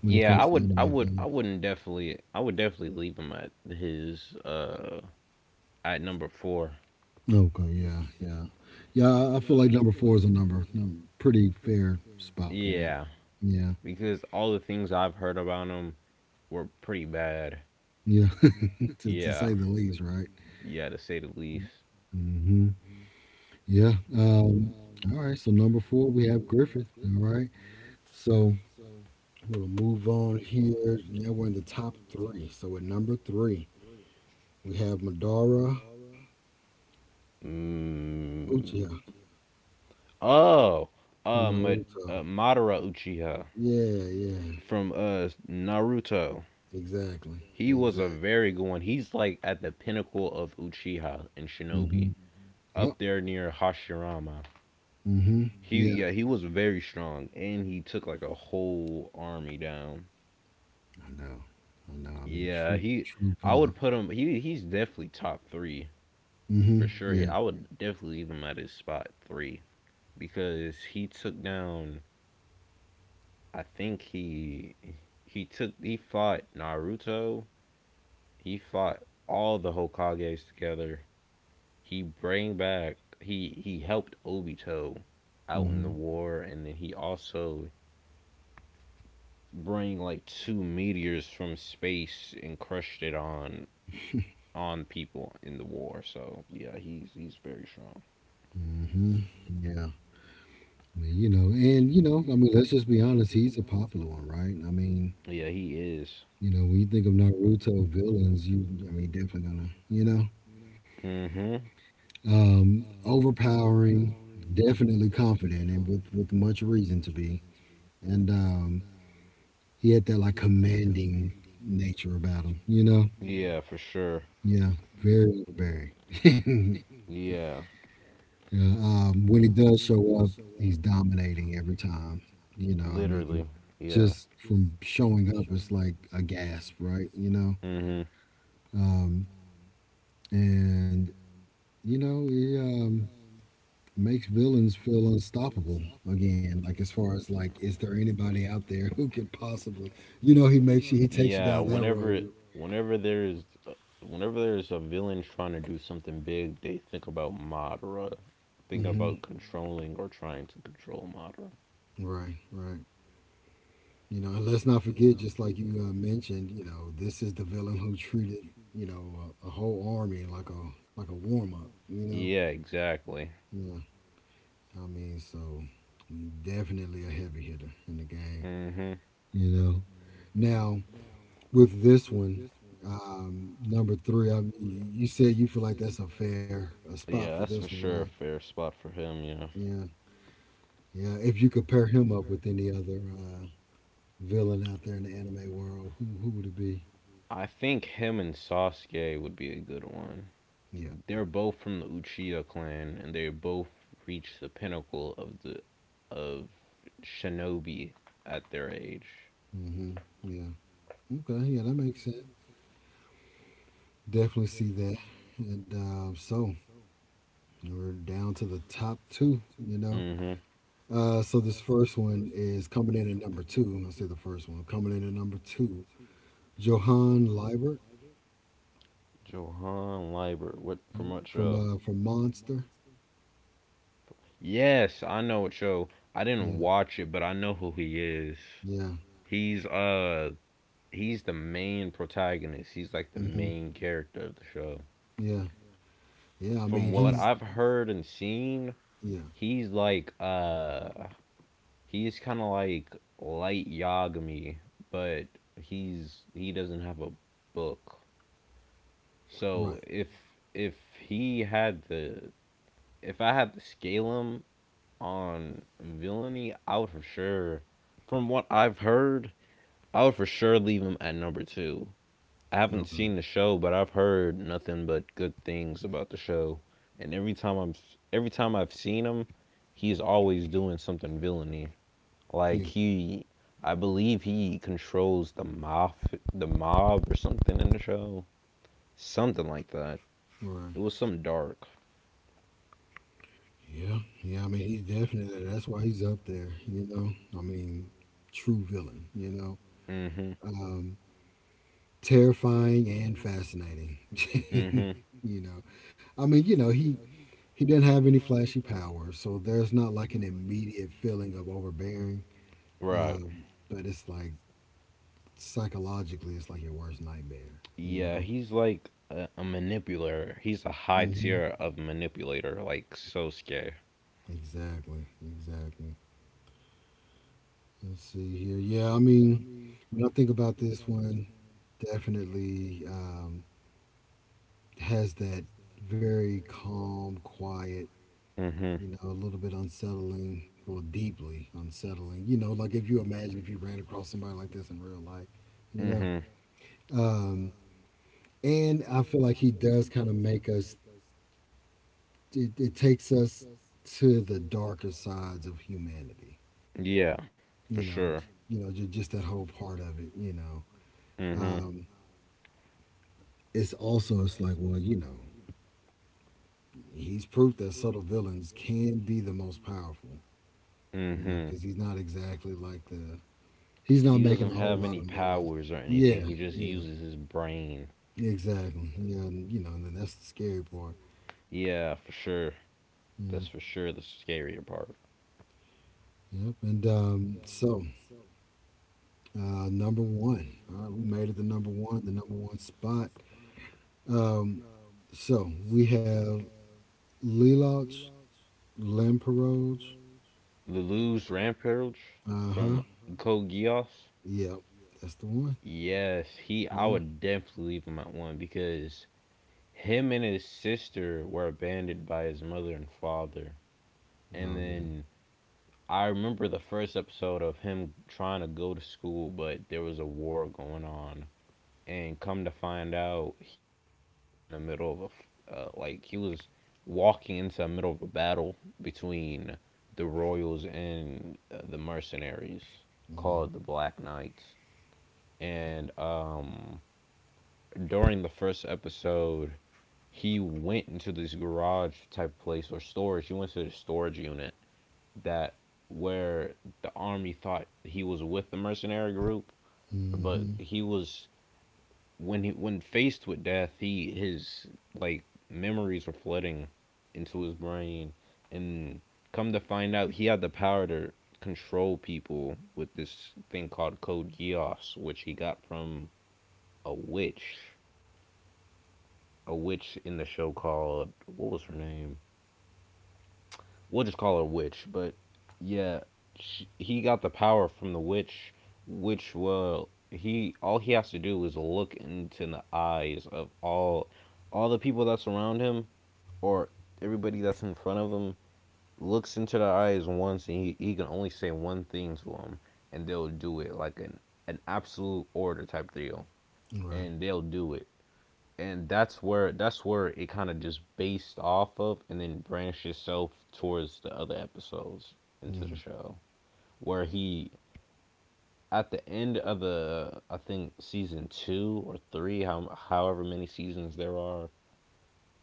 [SPEAKER 1] when it
[SPEAKER 2] Yeah, I
[SPEAKER 1] comes to
[SPEAKER 2] would I
[SPEAKER 1] anime
[SPEAKER 2] would I
[SPEAKER 1] villains.
[SPEAKER 2] wouldn't definitely I would definitely leave him at his at number 4.
[SPEAKER 1] Okay, yeah, yeah, yeah. I feel like number four is a number, num pretty fair spot for him.
[SPEAKER 2] Yeah,
[SPEAKER 1] Yeah,
[SPEAKER 2] because all the things I've heard about him were pretty bad.
[SPEAKER 1] yeah, [LAUGHS] to
[SPEAKER 2] Yeah.
[SPEAKER 1] say the least, right?
[SPEAKER 2] Yeah, to say the least.
[SPEAKER 1] Mm-hmm. Yeah. All right. So number four, we have Griffith. All right. So we'll move on here. Now we're in the top three. So at number three, we have Madara
[SPEAKER 2] Mm.
[SPEAKER 1] Uchiha
[SPEAKER 2] Oh,
[SPEAKER 1] from
[SPEAKER 2] uh, Ma-
[SPEAKER 1] Naruto.
[SPEAKER 2] Madara Uchiha.
[SPEAKER 1] Yeah, yeah,
[SPEAKER 2] From Naruto.
[SPEAKER 1] exactly,
[SPEAKER 2] He was a
[SPEAKER 1] exactly.
[SPEAKER 2] very good one. He's like at the pinnacle of Uchiha and Shinobi,
[SPEAKER 1] Mm-hmm. Yep.
[SPEAKER 2] up there near Hashirama.
[SPEAKER 1] Mm-hmm.
[SPEAKER 2] He,
[SPEAKER 1] Yeah.
[SPEAKER 2] yeah, he was very strong and he took like a whole army down.
[SPEAKER 1] I know. I know. I mean,
[SPEAKER 2] Yeah,
[SPEAKER 1] true,
[SPEAKER 2] he
[SPEAKER 1] true
[SPEAKER 2] I would
[SPEAKER 1] feeling.
[SPEAKER 2] put him he's definitely top 3
[SPEAKER 1] Mm-hmm.
[SPEAKER 2] for sure. He,
[SPEAKER 1] Yeah.
[SPEAKER 2] I would definitely leave him at his spot 3 because he took down I think he took he fought Naruto. He fought all the Hokages together. He bring back. He helped Obito out in the
[SPEAKER 1] Mm-hmm.
[SPEAKER 2] war, and then he also bring like two meteors from space and crushed it on people in the war. So yeah, he's very strong.
[SPEAKER 1] Mm-hmm. Yeah. I mean, you know, and I mean, let's just be honest. He's a popular one, right? I mean,
[SPEAKER 2] Yeah, he is.
[SPEAKER 1] when you think of Naruto villains, you, I mean, definitely gonna,
[SPEAKER 2] Mhm.
[SPEAKER 1] overpowering, definitely confident, and with much reason to be, and he had that like commanding nature about him, you know?
[SPEAKER 2] Yeah, for sure.
[SPEAKER 1] Yeah, very overbearing. [LAUGHS]
[SPEAKER 2] Yeah,
[SPEAKER 1] yeah, when he does show up, he's dominating every time. You know, I mean,
[SPEAKER 2] literally. Yeah.
[SPEAKER 1] just from showing up, it's like a gasp, right? You know?
[SPEAKER 2] Mhm.
[SPEAKER 1] Um, and he makes villains feel unstoppable again. Like, as far as like, is there anybody out there who could possibly, he takes you
[SPEAKER 2] Yeah,
[SPEAKER 1] down that road.
[SPEAKER 2] whenever there's whenever there's a villain trying to do something big, they think about Madara, think
[SPEAKER 1] Hmm.
[SPEAKER 2] about controlling or trying to control Madara.
[SPEAKER 1] Right, right. And let's not forget, just like you mentioned, this is the villain who treated, a whole army like a warm up. You know,
[SPEAKER 2] Yeah, exactly.
[SPEAKER 1] yeah. I mean, so definitely a heavy hitter in the game.
[SPEAKER 2] Mhm.
[SPEAKER 1] You know, now with this one, number three, I mean, you said you feel like that's a fair a spot for
[SPEAKER 2] Yeah, that's
[SPEAKER 1] this
[SPEAKER 2] for spot
[SPEAKER 1] one,
[SPEAKER 2] sure
[SPEAKER 1] right?
[SPEAKER 2] a him. Fair spot for him, yeah.
[SPEAKER 1] Yeah, yeah. If you could pair him up with any other villain out there in the anime world, who would it be?
[SPEAKER 2] I think him and Sasuke would be a good one.
[SPEAKER 1] Yeah.
[SPEAKER 2] They're both from the Uchiha clan and they both reached the pinnacle of the of shinobi at their age.
[SPEAKER 1] Hmm. Yeah. Okay, yeah, that makes sense. Definitely see that. And so we're down to the top two.
[SPEAKER 2] Mm-hmm.
[SPEAKER 1] So this first one is coming in at number two. I'll say the first one coming in at number two. Johan Liebert.
[SPEAKER 2] Johan Liebert. What from
[SPEAKER 1] Yep.
[SPEAKER 2] what
[SPEAKER 1] from
[SPEAKER 2] show?
[SPEAKER 1] uh, from Monster.
[SPEAKER 2] Yes, I know what show. I
[SPEAKER 1] Yeah,
[SPEAKER 2] didn't watch it, but I know who he is.
[SPEAKER 1] yeah,
[SPEAKER 2] He's he's the main protagonist. He's like the
[SPEAKER 1] hmm,
[SPEAKER 2] main character of the show.
[SPEAKER 1] yeah, yeah. I mean,
[SPEAKER 2] From what
[SPEAKER 1] he's,
[SPEAKER 2] I've heard and seen,
[SPEAKER 1] yeah,
[SPEAKER 2] he's like he's kind of like light Yagami, but he doesn't have a book. So
[SPEAKER 1] right.
[SPEAKER 2] if he had the if I had to scale him on villainy, I would for sure, from what I've heard, I would for sure leave him at number two. I haven't
[SPEAKER 1] Okay,
[SPEAKER 2] seen the show, but I've heard nothing but good things about the show. And every time I've seen him, he's always doing something villainy. Like
[SPEAKER 1] yeah,
[SPEAKER 2] I believe he controls the mob, or something in the show, something like that. It
[SPEAKER 1] right.
[SPEAKER 2] was some dark.
[SPEAKER 1] Yeah, yeah. I mean, he's definitely that's why he's up there. I mean, true villain.
[SPEAKER 2] Hmm
[SPEAKER 1] Um. Terrifying and fascinating. [LAUGHS]
[SPEAKER 2] hmm
[SPEAKER 1] you know, I mean, he didn't have any flashy powers, so there's not like an immediate feeling of overbearing.
[SPEAKER 2] Right.
[SPEAKER 1] But it's like psychologically, it's like your worst nightmare. You
[SPEAKER 2] Yeah,
[SPEAKER 1] know.
[SPEAKER 2] he's like a manipulator. He's a high
[SPEAKER 1] Hmm.
[SPEAKER 2] tier of manipulator, like Sosuke.
[SPEAKER 1] Exactly. Exactly. Let's see here. Yeah, I mean, when I think about this one, definitely has that very calm, quiet,
[SPEAKER 2] Mm-hmm.
[SPEAKER 1] a little bit unsettling or deeply unsettling. Like if you imagine if you ran across somebody like this in real life, you know.
[SPEAKER 2] Mm-hmm.
[SPEAKER 1] Um, and I feel like he does kind of make us, it takes us to the darker sides of humanity,
[SPEAKER 2] Yeah, for
[SPEAKER 1] you know,
[SPEAKER 2] sure.
[SPEAKER 1] just that whole part of it.
[SPEAKER 2] Mm-hmm.
[SPEAKER 1] Um, it's also, it's like, well, he's proof that subtle villains can be the most powerful,
[SPEAKER 2] Mm-hmm.
[SPEAKER 1] because he's not exactly like the He's not
[SPEAKER 2] He doesn't
[SPEAKER 1] making a whole
[SPEAKER 2] have
[SPEAKER 1] lot
[SPEAKER 2] any
[SPEAKER 1] of noise.
[SPEAKER 2] powers or anything.
[SPEAKER 1] Yeah,
[SPEAKER 2] He just
[SPEAKER 1] yeah,
[SPEAKER 2] uses his brain.
[SPEAKER 1] exactly. Yeah, and then that's the scary part.
[SPEAKER 2] Yeah, for sure.
[SPEAKER 1] Mm,
[SPEAKER 2] That's for sure the scarier part.
[SPEAKER 1] yep. And so, number one. All right, we made it to number one, the number one spot. Um, so we have Lelouch, Lamperoj.
[SPEAKER 2] Lelouch Rampage
[SPEAKER 1] Uh huh.
[SPEAKER 2] from Code Geass.
[SPEAKER 1] Yep, that's the one.
[SPEAKER 2] Yes, he. I
[SPEAKER 1] Yeah.
[SPEAKER 2] would definitely leave him at one because him and his sister were abandoned by his mother and father.
[SPEAKER 1] Oh
[SPEAKER 2] And
[SPEAKER 1] yeah.
[SPEAKER 2] then I remember the first episode of him trying to go to school, but there was a war going on. And come to find out, he was in the middle of he was walking into the middle of a battle between the royals and the mercenaries
[SPEAKER 1] Mm-hmm.
[SPEAKER 2] called the Black Knights. And during the first episode, he went into this garage type of place or storage. He went to the storage unit that where the army thought he was with the mercenary group, but
[SPEAKER 1] Mm-hmm.
[SPEAKER 2] he was when faced with death, he his like memories were flooding into his brain, and come to find out, he had the power to control people with this thing called Code Geass, which he got from a witch, a witch in the show called what was her name? We'll just call her witch, but yeah, he got the power from the witch which will he all he has to do is look into the eyes of all the people that surround him, or everybody that's in front of him, looks into their eyes once and he can only say one thing to them and they'll do it like an absolute order type deal,
[SPEAKER 1] Right.
[SPEAKER 2] and they'll do it, and that's where it kind of just based off of, and then branched itself towards the other episodes into the
[SPEAKER 1] Mm,
[SPEAKER 2] show where he at the end of the I think season two or three, how, however many seasons there are,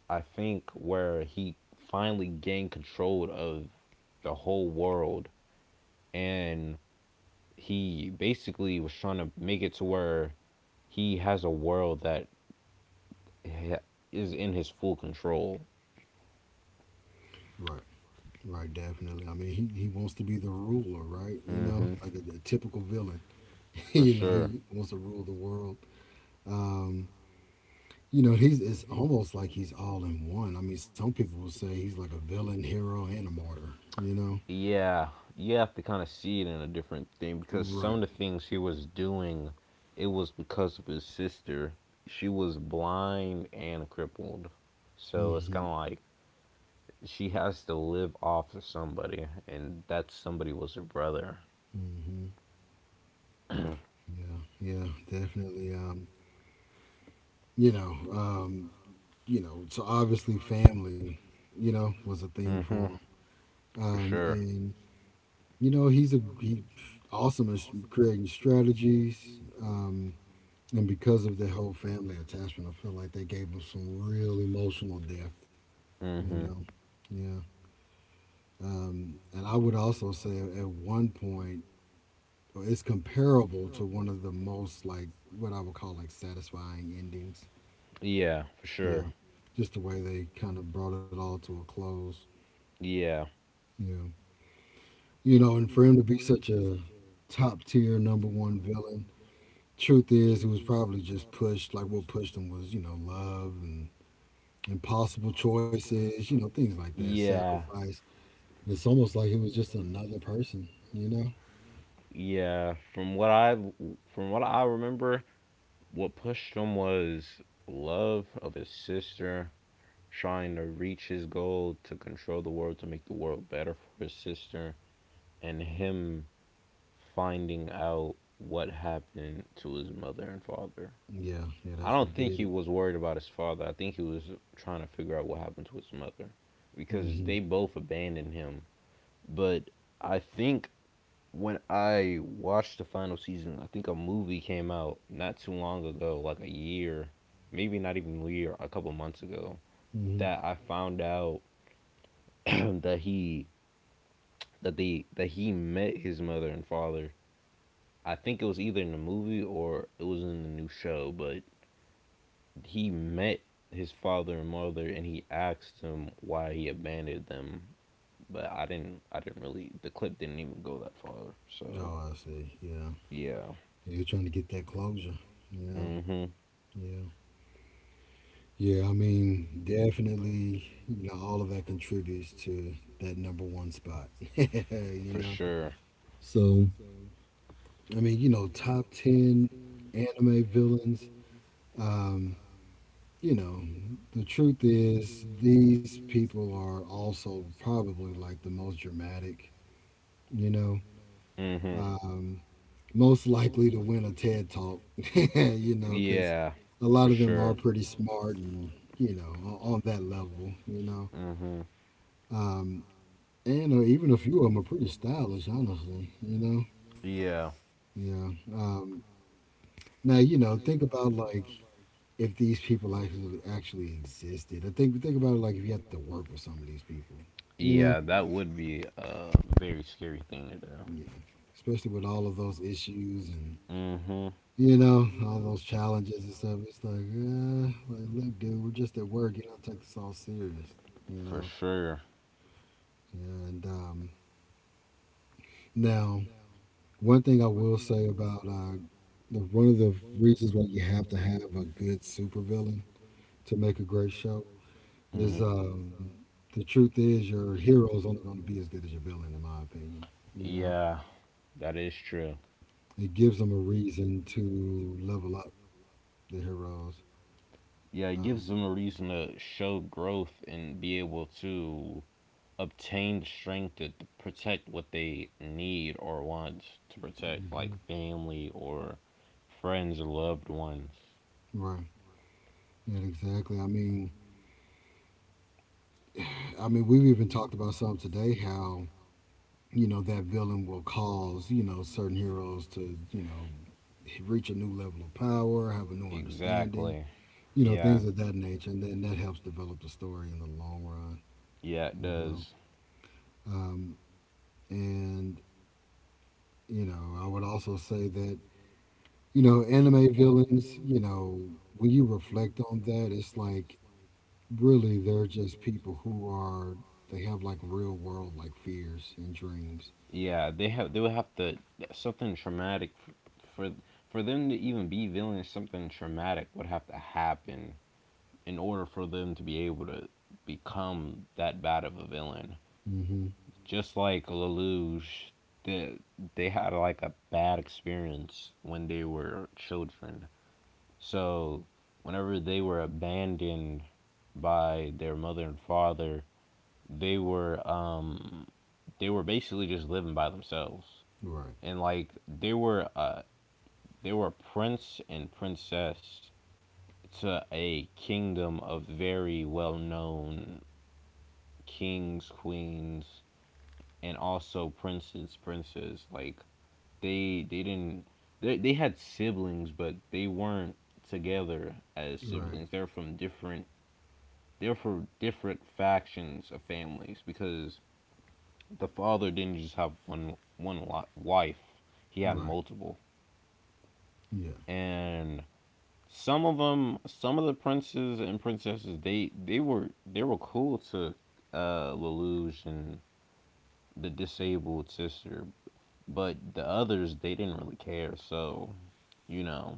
[SPEAKER 2] I think where he finally gained control of the whole world, and he basically was trying to make it to where he has a world that is in his full control.
[SPEAKER 1] right. Right, definitely. I mean, he wants to be the ruler, right?
[SPEAKER 2] Hmm
[SPEAKER 1] Like a typical villain. [LAUGHS]
[SPEAKER 2] for
[SPEAKER 1] He
[SPEAKER 2] sure.
[SPEAKER 1] wants to rule the world. Um, you know, he's it's almost like he's all in one. I mean, some people will say he's like a villain, hero, and a martyr. You know,
[SPEAKER 2] Yeah, you have to kind of see it in a different thing because some of
[SPEAKER 1] right?
[SPEAKER 2] the things he was doing, it was because of his sister. She was blind and crippled. So it's
[SPEAKER 1] Hmm.
[SPEAKER 2] kind of like she has to live off of somebody, and that somebody was her brother.
[SPEAKER 1] Hmm. Yeah, yeah, definitely. You know, um, So obviously, family, was a thing
[SPEAKER 2] Hmm.
[SPEAKER 1] for him.
[SPEAKER 2] For
[SPEAKER 1] Um,
[SPEAKER 2] sure.
[SPEAKER 1] and You know, he's a he, awesome at creating strategies. And because of the whole family attachment, I feel like they gave him some real emotional depth, you
[SPEAKER 2] hmm.
[SPEAKER 1] know? Yeah. And I would also say at one point, or it's comparable to one of the most, like, what I would call, like, satisfying endings.
[SPEAKER 2] Yeah, for sure.
[SPEAKER 1] Yeah. Just the way they kind of brought it all to a close.
[SPEAKER 2] Yeah.
[SPEAKER 1] Yeah. And for him to be such a top tier number one villain, truth is, it was probably just pushed. Like what pushed them was, love and impossible choices, things like that,
[SPEAKER 2] Yeah.
[SPEAKER 1] sacrifice. It's almost like it was just another person, you know?
[SPEAKER 2] Yeah, from what I remember, what pushed him was love of his sister, trying to reach his goal to control the world, to make the world better for his sister, and him finding out what happened to his mother and father.
[SPEAKER 1] Yeah, yeah,
[SPEAKER 2] I
[SPEAKER 1] that's
[SPEAKER 2] don't
[SPEAKER 1] what
[SPEAKER 2] think he
[SPEAKER 1] did it.
[SPEAKER 2] was worried about his father. I think he was trying to figure out what happened to his mother because
[SPEAKER 1] Hmm.
[SPEAKER 2] they both abandoned him. But I think when I watched the final season, I think a movie came out not too long ago, like a year, maybe not even a year, a couple months ago,
[SPEAKER 1] Hmm.
[SPEAKER 2] that I found out [CLEARS THROAT] that he that he met his mother and father. I think it was either in the movie or it was in the new show, but he met his father and mother and he asked him why he abandoned them. But I didn't really the clip didn't even go that far. So,
[SPEAKER 1] Oh, I see. Yeah,
[SPEAKER 2] yeah.
[SPEAKER 1] yeah, you're trying to get that closure. Yeah,
[SPEAKER 2] Mhm.
[SPEAKER 1] yeah, yeah. I mean, definitely, all of that contributes to that number one spot. [LAUGHS] you
[SPEAKER 2] For
[SPEAKER 1] know,
[SPEAKER 2] sure.
[SPEAKER 1] so I mean, top ten anime villains. Um, you know, the truth is, these people are also probably like the most dramatic, you know,
[SPEAKER 2] Hmm.
[SPEAKER 1] um, most likely to win a TED talk, [LAUGHS] because
[SPEAKER 2] Yeah,
[SPEAKER 1] a lot
[SPEAKER 2] for
[SPEAKER 1] of them are
[SPEAKER 2] sure.
[SPEAKER 1] pretty smart and, on that level, you know.
[SPEAKER 2] Hmm.
[SPEAKER 1] Um, and even a few of them are pretty stylish, honestly, you know.
[SPEAKER 2] Yeah.
[SPEAKER 1] Yeah. Now, you know, think about like if these people actually existed. I think about it like if you had to work with some of these people, you know,
[SPEAKER 2] Yeah, that would be a very scary thing to do.
[SPEAKER 1] yeah, especially with all of those issues and
[SPEAKER 2] Hmm.
[SPEAKER 1] you know all those challenges and stuff. It's like, yeah, like, look, dude, we're just at work. You don't take this all serious, you
[SPEAKER 2] For
[SPEAKER 1] know.
[SPEAKER 2] sure.
[SPEAKER 1] Yeah, and now one thing I will say about the one of the reasons why you have to have a good supervillain to make a great show
[SPEAKER 2] Hmm.
[SPEAKER 1] is the truth is your hero is only going to be as good as your villain, in my opinion. You know,
[SPEAKER 2] Yeah, that is true.
[SPEAKER 1] it gives them a reason to level up the heroes.
[SPEAKER 2] Yeah, it gives
[SPEAKER 1] Um,
[SPEAKER 2] them a reason to show growth and be able to obtain the strength to protect what they need or want to protect,
[SPEAKER 1] mhm.
[SPEAKER 2] like family or friends or loved ones.
[SPEAKER 1] Right. Yeah, exactly. I mean, we've even talked about some today how you know that villain will cause you know certain heroes to you know reach a new level of power, have a new understanding,
[SPEAKER 2] Exactly.
[SPEAKER 1] you know, things
[SPEAKER 2] Yeah.
[SPEAKER 1] of that nature, and then that helps develop the story in the long run.
[SPEAKER 2] Yeah, it
[SPEAKER 1] You know,
[SPEAKER 2] does.
[SPEAKER 1] um, and you know, I would also say that, you know, anime villains, you know, when you reflect on that, it's like really they're just people who are, they have like real world like fears and dreams.
[SPEAKER 2] Yeah, they would have to something traumatic for for them to even be villains. Something traumatic would have to happen in order for them to be able to become that bad of a villain.
[SPEAKER 1] Hmm.
[SPEAKER 2] Just like Lelouch, they they had like a bad experience when they were children. So, whenever they were abandoned by their mother and father, they were um they were basically just living by themselves,
[SPEAKER 1] Right.
[SPEAKER 2] and like they were prince and princess to a kingdom of very well known kings, queens, and also princes. Like they didn't they had siblings, but they weren't together as
[SPEAKER 1] Right.
[SPEAKER 2] siblings. They're from different they're for different factions of families because the father didn't just have one wife; he had
[SPEAKER 1] Right.
[SPEAKER 2] multiple,
[SPEAKER 1] Yeah.
[SPEAKER 2] and some of them, some of the princes and princesses, they were cool to Lelouch and the disabled sister, but the others they didn't really care. So you know,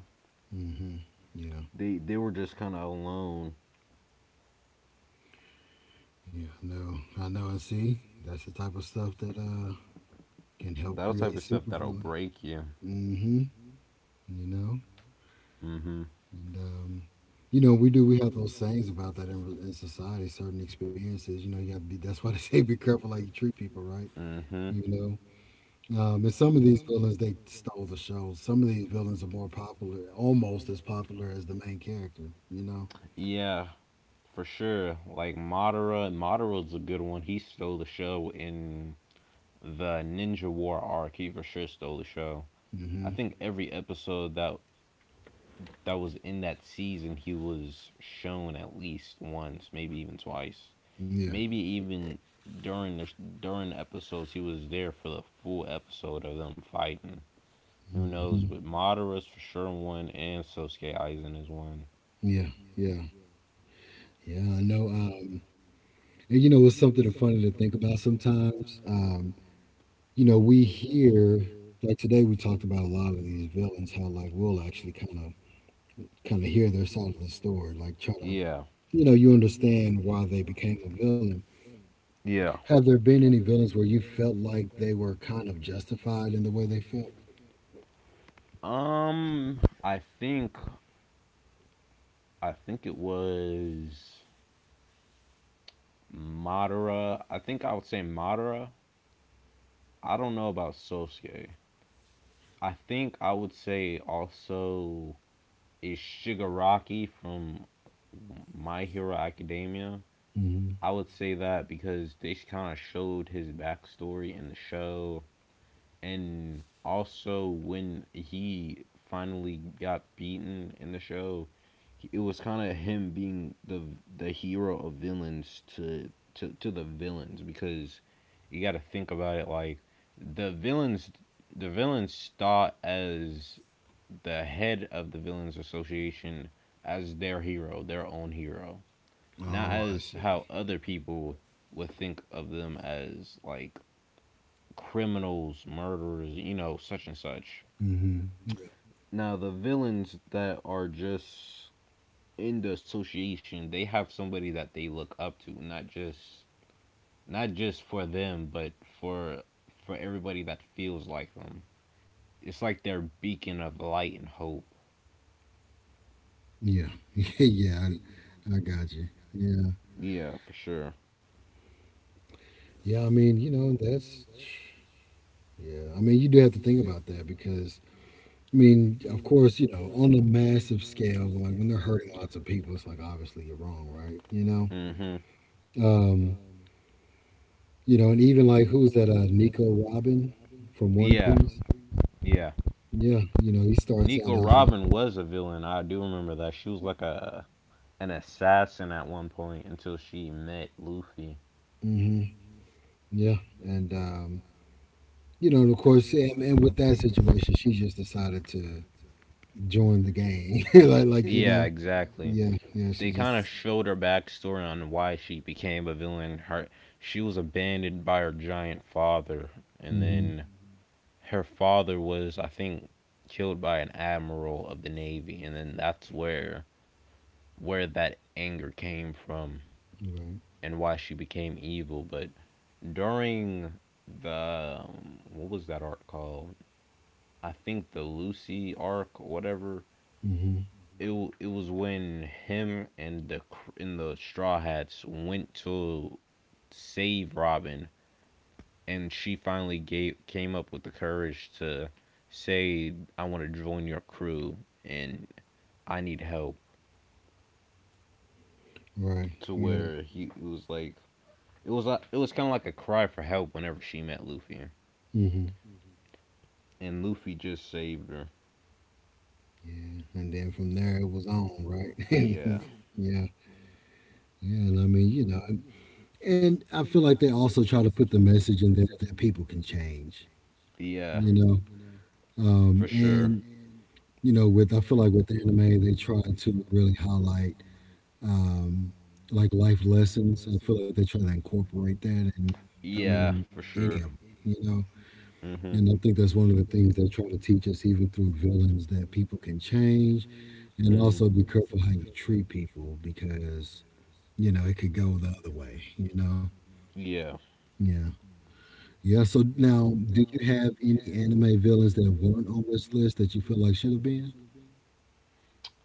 [SPEAKER 1] Hmm. Yeah.
[SPEAKER 2] they were just kind of alone.
[SPEAKER 1] Yeah. I know. I know. And see, that's the type of stuff that can help
[SPEAKER 2] That'll
[SPEAKER 1] create
[SPEAKER 2] type of stuff that'll
[SPEAKER 1] supervillain.
[SPEAKER 2] break you.
[SPEAKER 1] Mm hmm. You know?
[SPEAKER 2] Hmm.
[SPEAKER 1] And, you know, we do, we have those sayings about that in society, certain experiences, you know, you have to be, that's why [LAUGHS] they say be careful how you treat people, right?
[SPEAKER 2] Mm-hmm.
[SPEAKER 1] You know, and some of these villains, they stole the show. Some of these villains are more popular, almost as popular as the main character, you know?
[SPEAKER 2] Yeah, for sure. Like Madara, Madara's a good one. He stole the show in the Ninja War arc. He for sure stole the show. I
[SPEAKER 1] Hmm.
[SPEAKER 2] think every episode that was in that season, he was shown at least once, maybe even twice,
[SPEAKER 1] Yeah.
[SPEAKER 2] maybe even during the during the episodes he was there for the full episode of them fighting. Who knows?
[SPEAKER 1] Hmm.
[SPEAKER 2] But Madara's for sure one, and Sosuke Aizen is one.
[SPEAKER 1] Yeah. Yeah. Yeah. I know. And, you know, it's something funny to think about sometimes. You know, we hear like today we talked about a lot of these villains how like we'll actually kind of hear their side of the story, like try to,
[SPEAKER 2] Yeah,
[SPEAKER 1] you know, you understand why they became a villain.
[SPEAKER 2] yeah.
[SPEAKER 1] Have there been any villains where you felt like they were kind of justified in the way they felt?
[SPEAKER 2] Um, I think I think it was Madara. I think I would say Madara. I don't know about Sosuke. I think I would say also is Shigaraki from My Hero Academia.
[SPEAKER 1] Hmm.
[SPEAKER 2] I would say that because they kind of showed his backstory in the show, and also when he finally got beaten in the show, it was kind of him being the hero of villains to the villains because you got to think about it like the villains the villains thought as the head of the villains association as their hero, their own hero, not
[SPEAKER 1] Oh, I
[SPEAKER 2] as
[SPEAKER 1] see.
[SPEAKER 2] how other people would think of them as like criminals, murderers, you know, such and such.
[SPEAKER 1] Hmm.
[SPEAKER 2] Now, the villains that are just in the association, they have somebody that they look up to, not just for them, but for for everybody that feels like them. It's like their beacon of light and hope.
[SPEAKER 1] Yeah, [LAUGHS] yeah, I got you. Yeah,
[SPEAKER 2] Yeah, for sure.
[SPEAKER 1] yeah. I mean, you know, that's yeah. I mean, you do have to think about that because I mean, of course, you know, on a massive scale, like when they're hurting lots of people, it's like obviously you're wrong, right? You know,
[SPEAKER 2] Mhm.
[SPEAKER 1] um, you know, and even like who's that? Nico Robin from One
[SPEAKER 2] Yeah,
[SPEAKER 1] Piece.
[SPEAKER 2] yeah.
[SPEAKER 1] Yeah, you know, he
[SPEAKER 2] Yeah,
[SPEAKER 1] starts out
[SPEAKER 2] Nico
[SPEAKER 1] as a.
[SPEAKER 2] Robin was a villain. I do remember that. She was like a an assassin at one point until she met Luffy.
[SPEAKER 1] Hmm. Yeah, and you know, and of course, and with that situation, she just decided to join the gang. [LAUGHS] like,
[SPEAKER 2] [LAUGHS]
[SPEAKER 1] like you
[SPEAKER 2] Yeah,
[SPEAKER 1] know,
[SPEAKER 2] exactly. Yeah.
[SPEAKER 1] yeah, yeah, she
[SPEAKER 2] They kind of
[SPEAKER 1] just.
[SPEAKER 2] showed her backstory on why she became a villain. Her she was abandoned by her giant father, and
[SPEAKER 1] Hmm.
[SPEAKER 2] then her father was, I think, killed by an admiral of the navy, and then that's where that anger came from
[SPEAKER 1] Right.
[SPEAKER 2] and why she became evil. But during the what was that arc called? I think the Lucy arc, or whatever
[SPEAKER 1] Hmm.
[SPEAKER 2] it was when him and and the Straw Hats went to save Robin, and she finally gave came up with the courage to say, "I want to join your crew, and I need help."
[SPEAKER 1] Right.
[SPEAKER 2] To
[SPEAKER 1] Yeah.
[SPEAKER 2] where he it was like it was kind of like a cry for help whenever she met Luffy,
[SPEAKER 1] Hmm.
[SPEAKER 2] and Luffy just saved her.
[SPEAKER 1] Yeah, and then from there it was on. Right. [LAUGHS] Yeah. Yeah, and I mean, you know, and I feel like they also try to put the message in there that people can change.
[SPEAKER 2] Yeah, yeah,
[SPEAKER 1] You know,
[SPEAKER 2] for sure.
[SPEAKER 1] And you know, with I feel like with anime, they try to really highlight um, like life lessons. I feel like they try to incorporate that, and I
[SPEAKER 2] Yeah,
[SPEAKER 1] mean,
[SPEAKER 2] for
[SPEAKER 1] any
[SPEAKER 2] sure.
[SPEAKER 1] of them, you know.
[SPEAKER 2] Hmm.
[SPEAKER 1] And I think that's one of the things they try to teach us, even through villains, that people can change, and also
[SPEAKER 2] Hmm.
[SPEAKER 1] be careful how you treat people because you know it could go the other way, you know.
[SPEAKER 2] Yeah.
[SPEAKER 1] Yeah. Yeah, so now, do you have any anime villains that weren't on this list that you feel like should have been?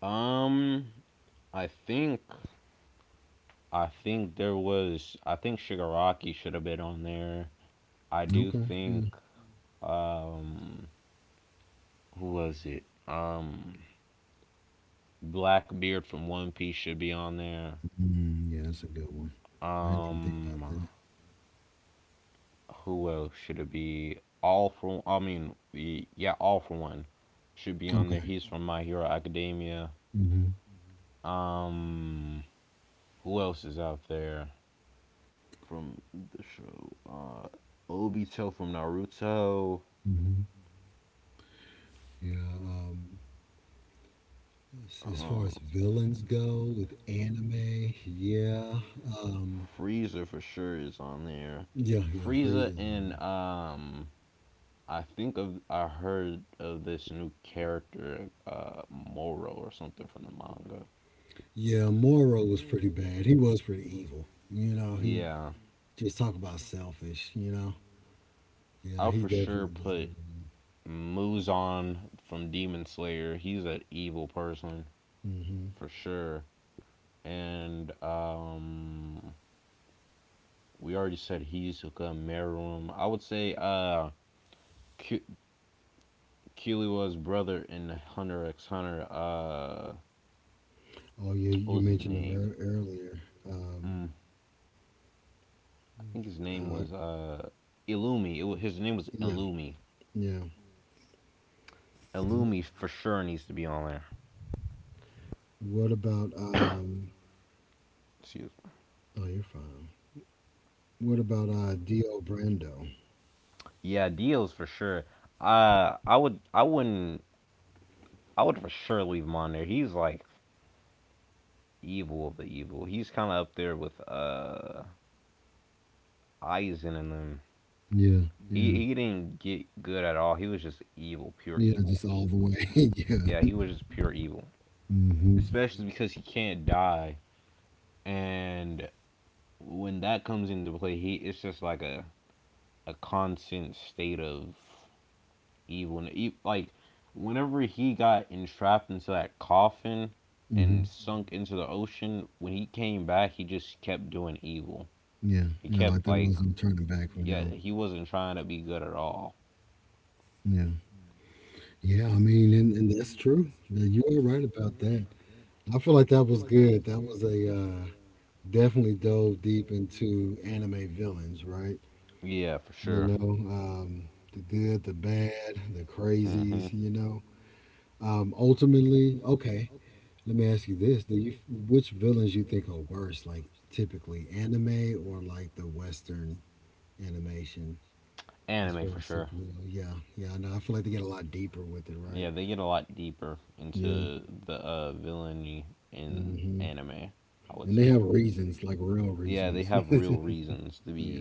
[SPEAKER 2] Um, I think I think Shigaraki should have been on there. I do
[SPEAKER 1] Okay,
[SPEAKER 2] think
[SPEAKER 1] yeah.
[SPEAKER 2] um who was it? Blackbeard from One Piece should be on there.
[SPEAKER 1] Mm, yeah, that's a good one. I didn't even think about
[SPEAKER 2] Um,
[SPEAKER 1] that.
[SPEAKER 2] who else should it be? All for I mean, y- yeah, All for One should be on there.
[SPEAKER 1] Okay.
[SPEAKER 2] He's from My Hero Academia.
[SPEAKER 1] Hmm.
[SPEAKER 2] Um, who else is out there? From the show. Obito from Naruto.
[SPEAKER 1] Hmm. Yeah. As far
[SPEAKER 2] Um,
[SPEAKER 1] as villains go with anime, yeah. Um,
[SPEAKER 2] Frieza for sure is on there.
[SPEAKER 1] yeah, yeah,
[SPEAKER 2] Frieza
[SPEAKER 1] Frieza's on
[SPEAKER 2] and
[SPEAKER 1] there.
[SPEAKER 2] I heard of this new character, Moro or something from the manga.
[SPEAKER 1] Yeah, Moro was pretty bad. He was pretty evil. You know, he
[SPEAKER 2] Yeah,
[SPEAKER 1] just talk about selfish, you know? Yeah,
[SPEAKER 2] I'll
[SPEAKER 1] he
[SPEAKER 2] for sure
[SPEAKER 1] definitely
[SPEAKER 2] put
[SPEAKER 1] deserved it.
[SPEAKER 2] Muzan from Demon Slayer. He's an evil person
[SPEAKER 1] Mm-hmm.
[SPEAKER 2] for sure. And we already said Hizuka, Meruem. I would say Q- Kiliwa's brother in Hunter x Hunter.
[SPEAKER 1] Oh, yeah,
[SPEAKER 2] What
[SPEAKER 1] you
[SPEAKER 2] was his
[SPEAKER 1] mentioned him
[SPEAKER 2] name?
[SPEAKER 1] earlier. Um,
[SPEAKER 2] Mm, I think his name
[SPEAKER 1] uh,
[SPEAKER 2] was Illumi. His name was
[SPEAKER 1] yeah,
[SPEAKER 2] Illumi.
[SPEAKER 1] yeah, yeah.
[SPEAKER 2] Illumi for sure needs to be on there.
[SPEAKER 1] What about,
[SPEAKER 2] Excuse me.
[SPEAKER 1] oh, you're fine. What about Dio Brando?
[SPEAKER 2] Yeah, Dio's for sure. I would, I wouldn't, I would for sure leave him on there. He's like evil of the evil. He's kind of up there with Aizen and them.
[SPEAKER 1] Yeah, yeah,
[SPEAKER 2] He didn't get good at all. He was just evil, pure
[SPEAKER 1] yeah,
[SPEAKER 2] evil.
[SPEAKER 1] just all the way. [LAUGHS]
[SPEAKER 2] Yeah,
[SPEAKER 1] Yeah.
[SPEAKER 2] he was just pure evil.
[SPEAKER 1] Mm-hmm.
[SPEAKER 2] Especially because he can't die, and when that comes into play, he it's just like a constant state of evil. Like whenever he got entrapped into that coffin
[SPEAKER 1] Mm-hmm.
[SPEAKER 2] and sunk into the ocean, when he came back, he just kept doing evil.
[SPEAKER 1] Yeah.
[SPEAKER 2] He
[SPEAKER 1] Yeah, like
[SPEAKER 2] kept
[SPEAKER 1] there
[SPEAKER 2] like
[SPEAKER 1] was no turning back for
[SPEAKER 2] yeah,
[SPEAKER 1] him.
[SPEAKER 2] he wasn't trying to be good at all.
[SPEAKER 1] Yeah. Yeah, I mean and that's true. That you are right about that. I feel like that was good. That was a definitely dove deep into anime villains, right?
[SPEAKER 2] Yeah, for
[SPEAKER 1] You
[SPEAKER 2] sure.
[SPEAKER 1] know, the good, the bad, the
[SPEAKER 2] Hmm.
[SPEAKER 1] crazies, you know. Ultimately, okay. Let me ask you this: Do you which villains you think are worse, like typically anime or like the Western animation as
[SPEAKER 2] Anime
[SPEAKER 1] far
[SPEAKER 2] for
[SPEAKER 1] as
[SPEAKER 2] sure.
[SPEAKER 1] superhero? Yeah, yeah, I know. I feel like they get a lot deeper with it, right?
[SPEAKER 2] Yeah, they get a lot deeper
[SPEAKER 1] Yeah,
[SPEAKER 2] into the villainy in
[SPEAKER 1] hmm
[SPEAKER 2] yeah, anime. I would
[SPEAKER 1] and they
[SPEAKER 2] say.
[SPEAKER 1] have reasons, like real
[SPEAKER 2] Yeah, they
[SPEAKER 1] reasons. [LAUGHS]
[SPEAKER 2] have
[SPEAKER 1] Yeah,
[SPEAKER 2] real reasons
[SPEAKER 1] yeah,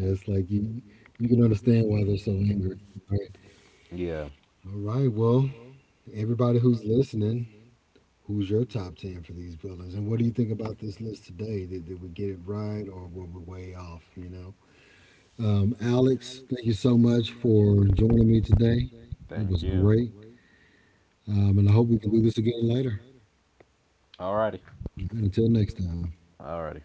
[SPEAKER 2] to be.
[SPEAKER 1] like you can understand why they're so angry, right?
[SPEAKER 2] Yeah, yeah.
[SPEAKER 1] All right, well, everybody who's listening. Who's your top 10 for these villains? And what do you think about this list today? Did we get it right or were we way off? You know? Alex, thank you so much for joining me today. It
[SPEAKER 2] Thank
[SPEAKER 1] was
[SPEAKER 2] you.
[SPEAKER 1] great. And I hope we can do this again later.
[SPEAKER 2] Alrighty.
[SPEAKER 1] And until next time.
[SPEAKER 2] Yeah. Alrighty.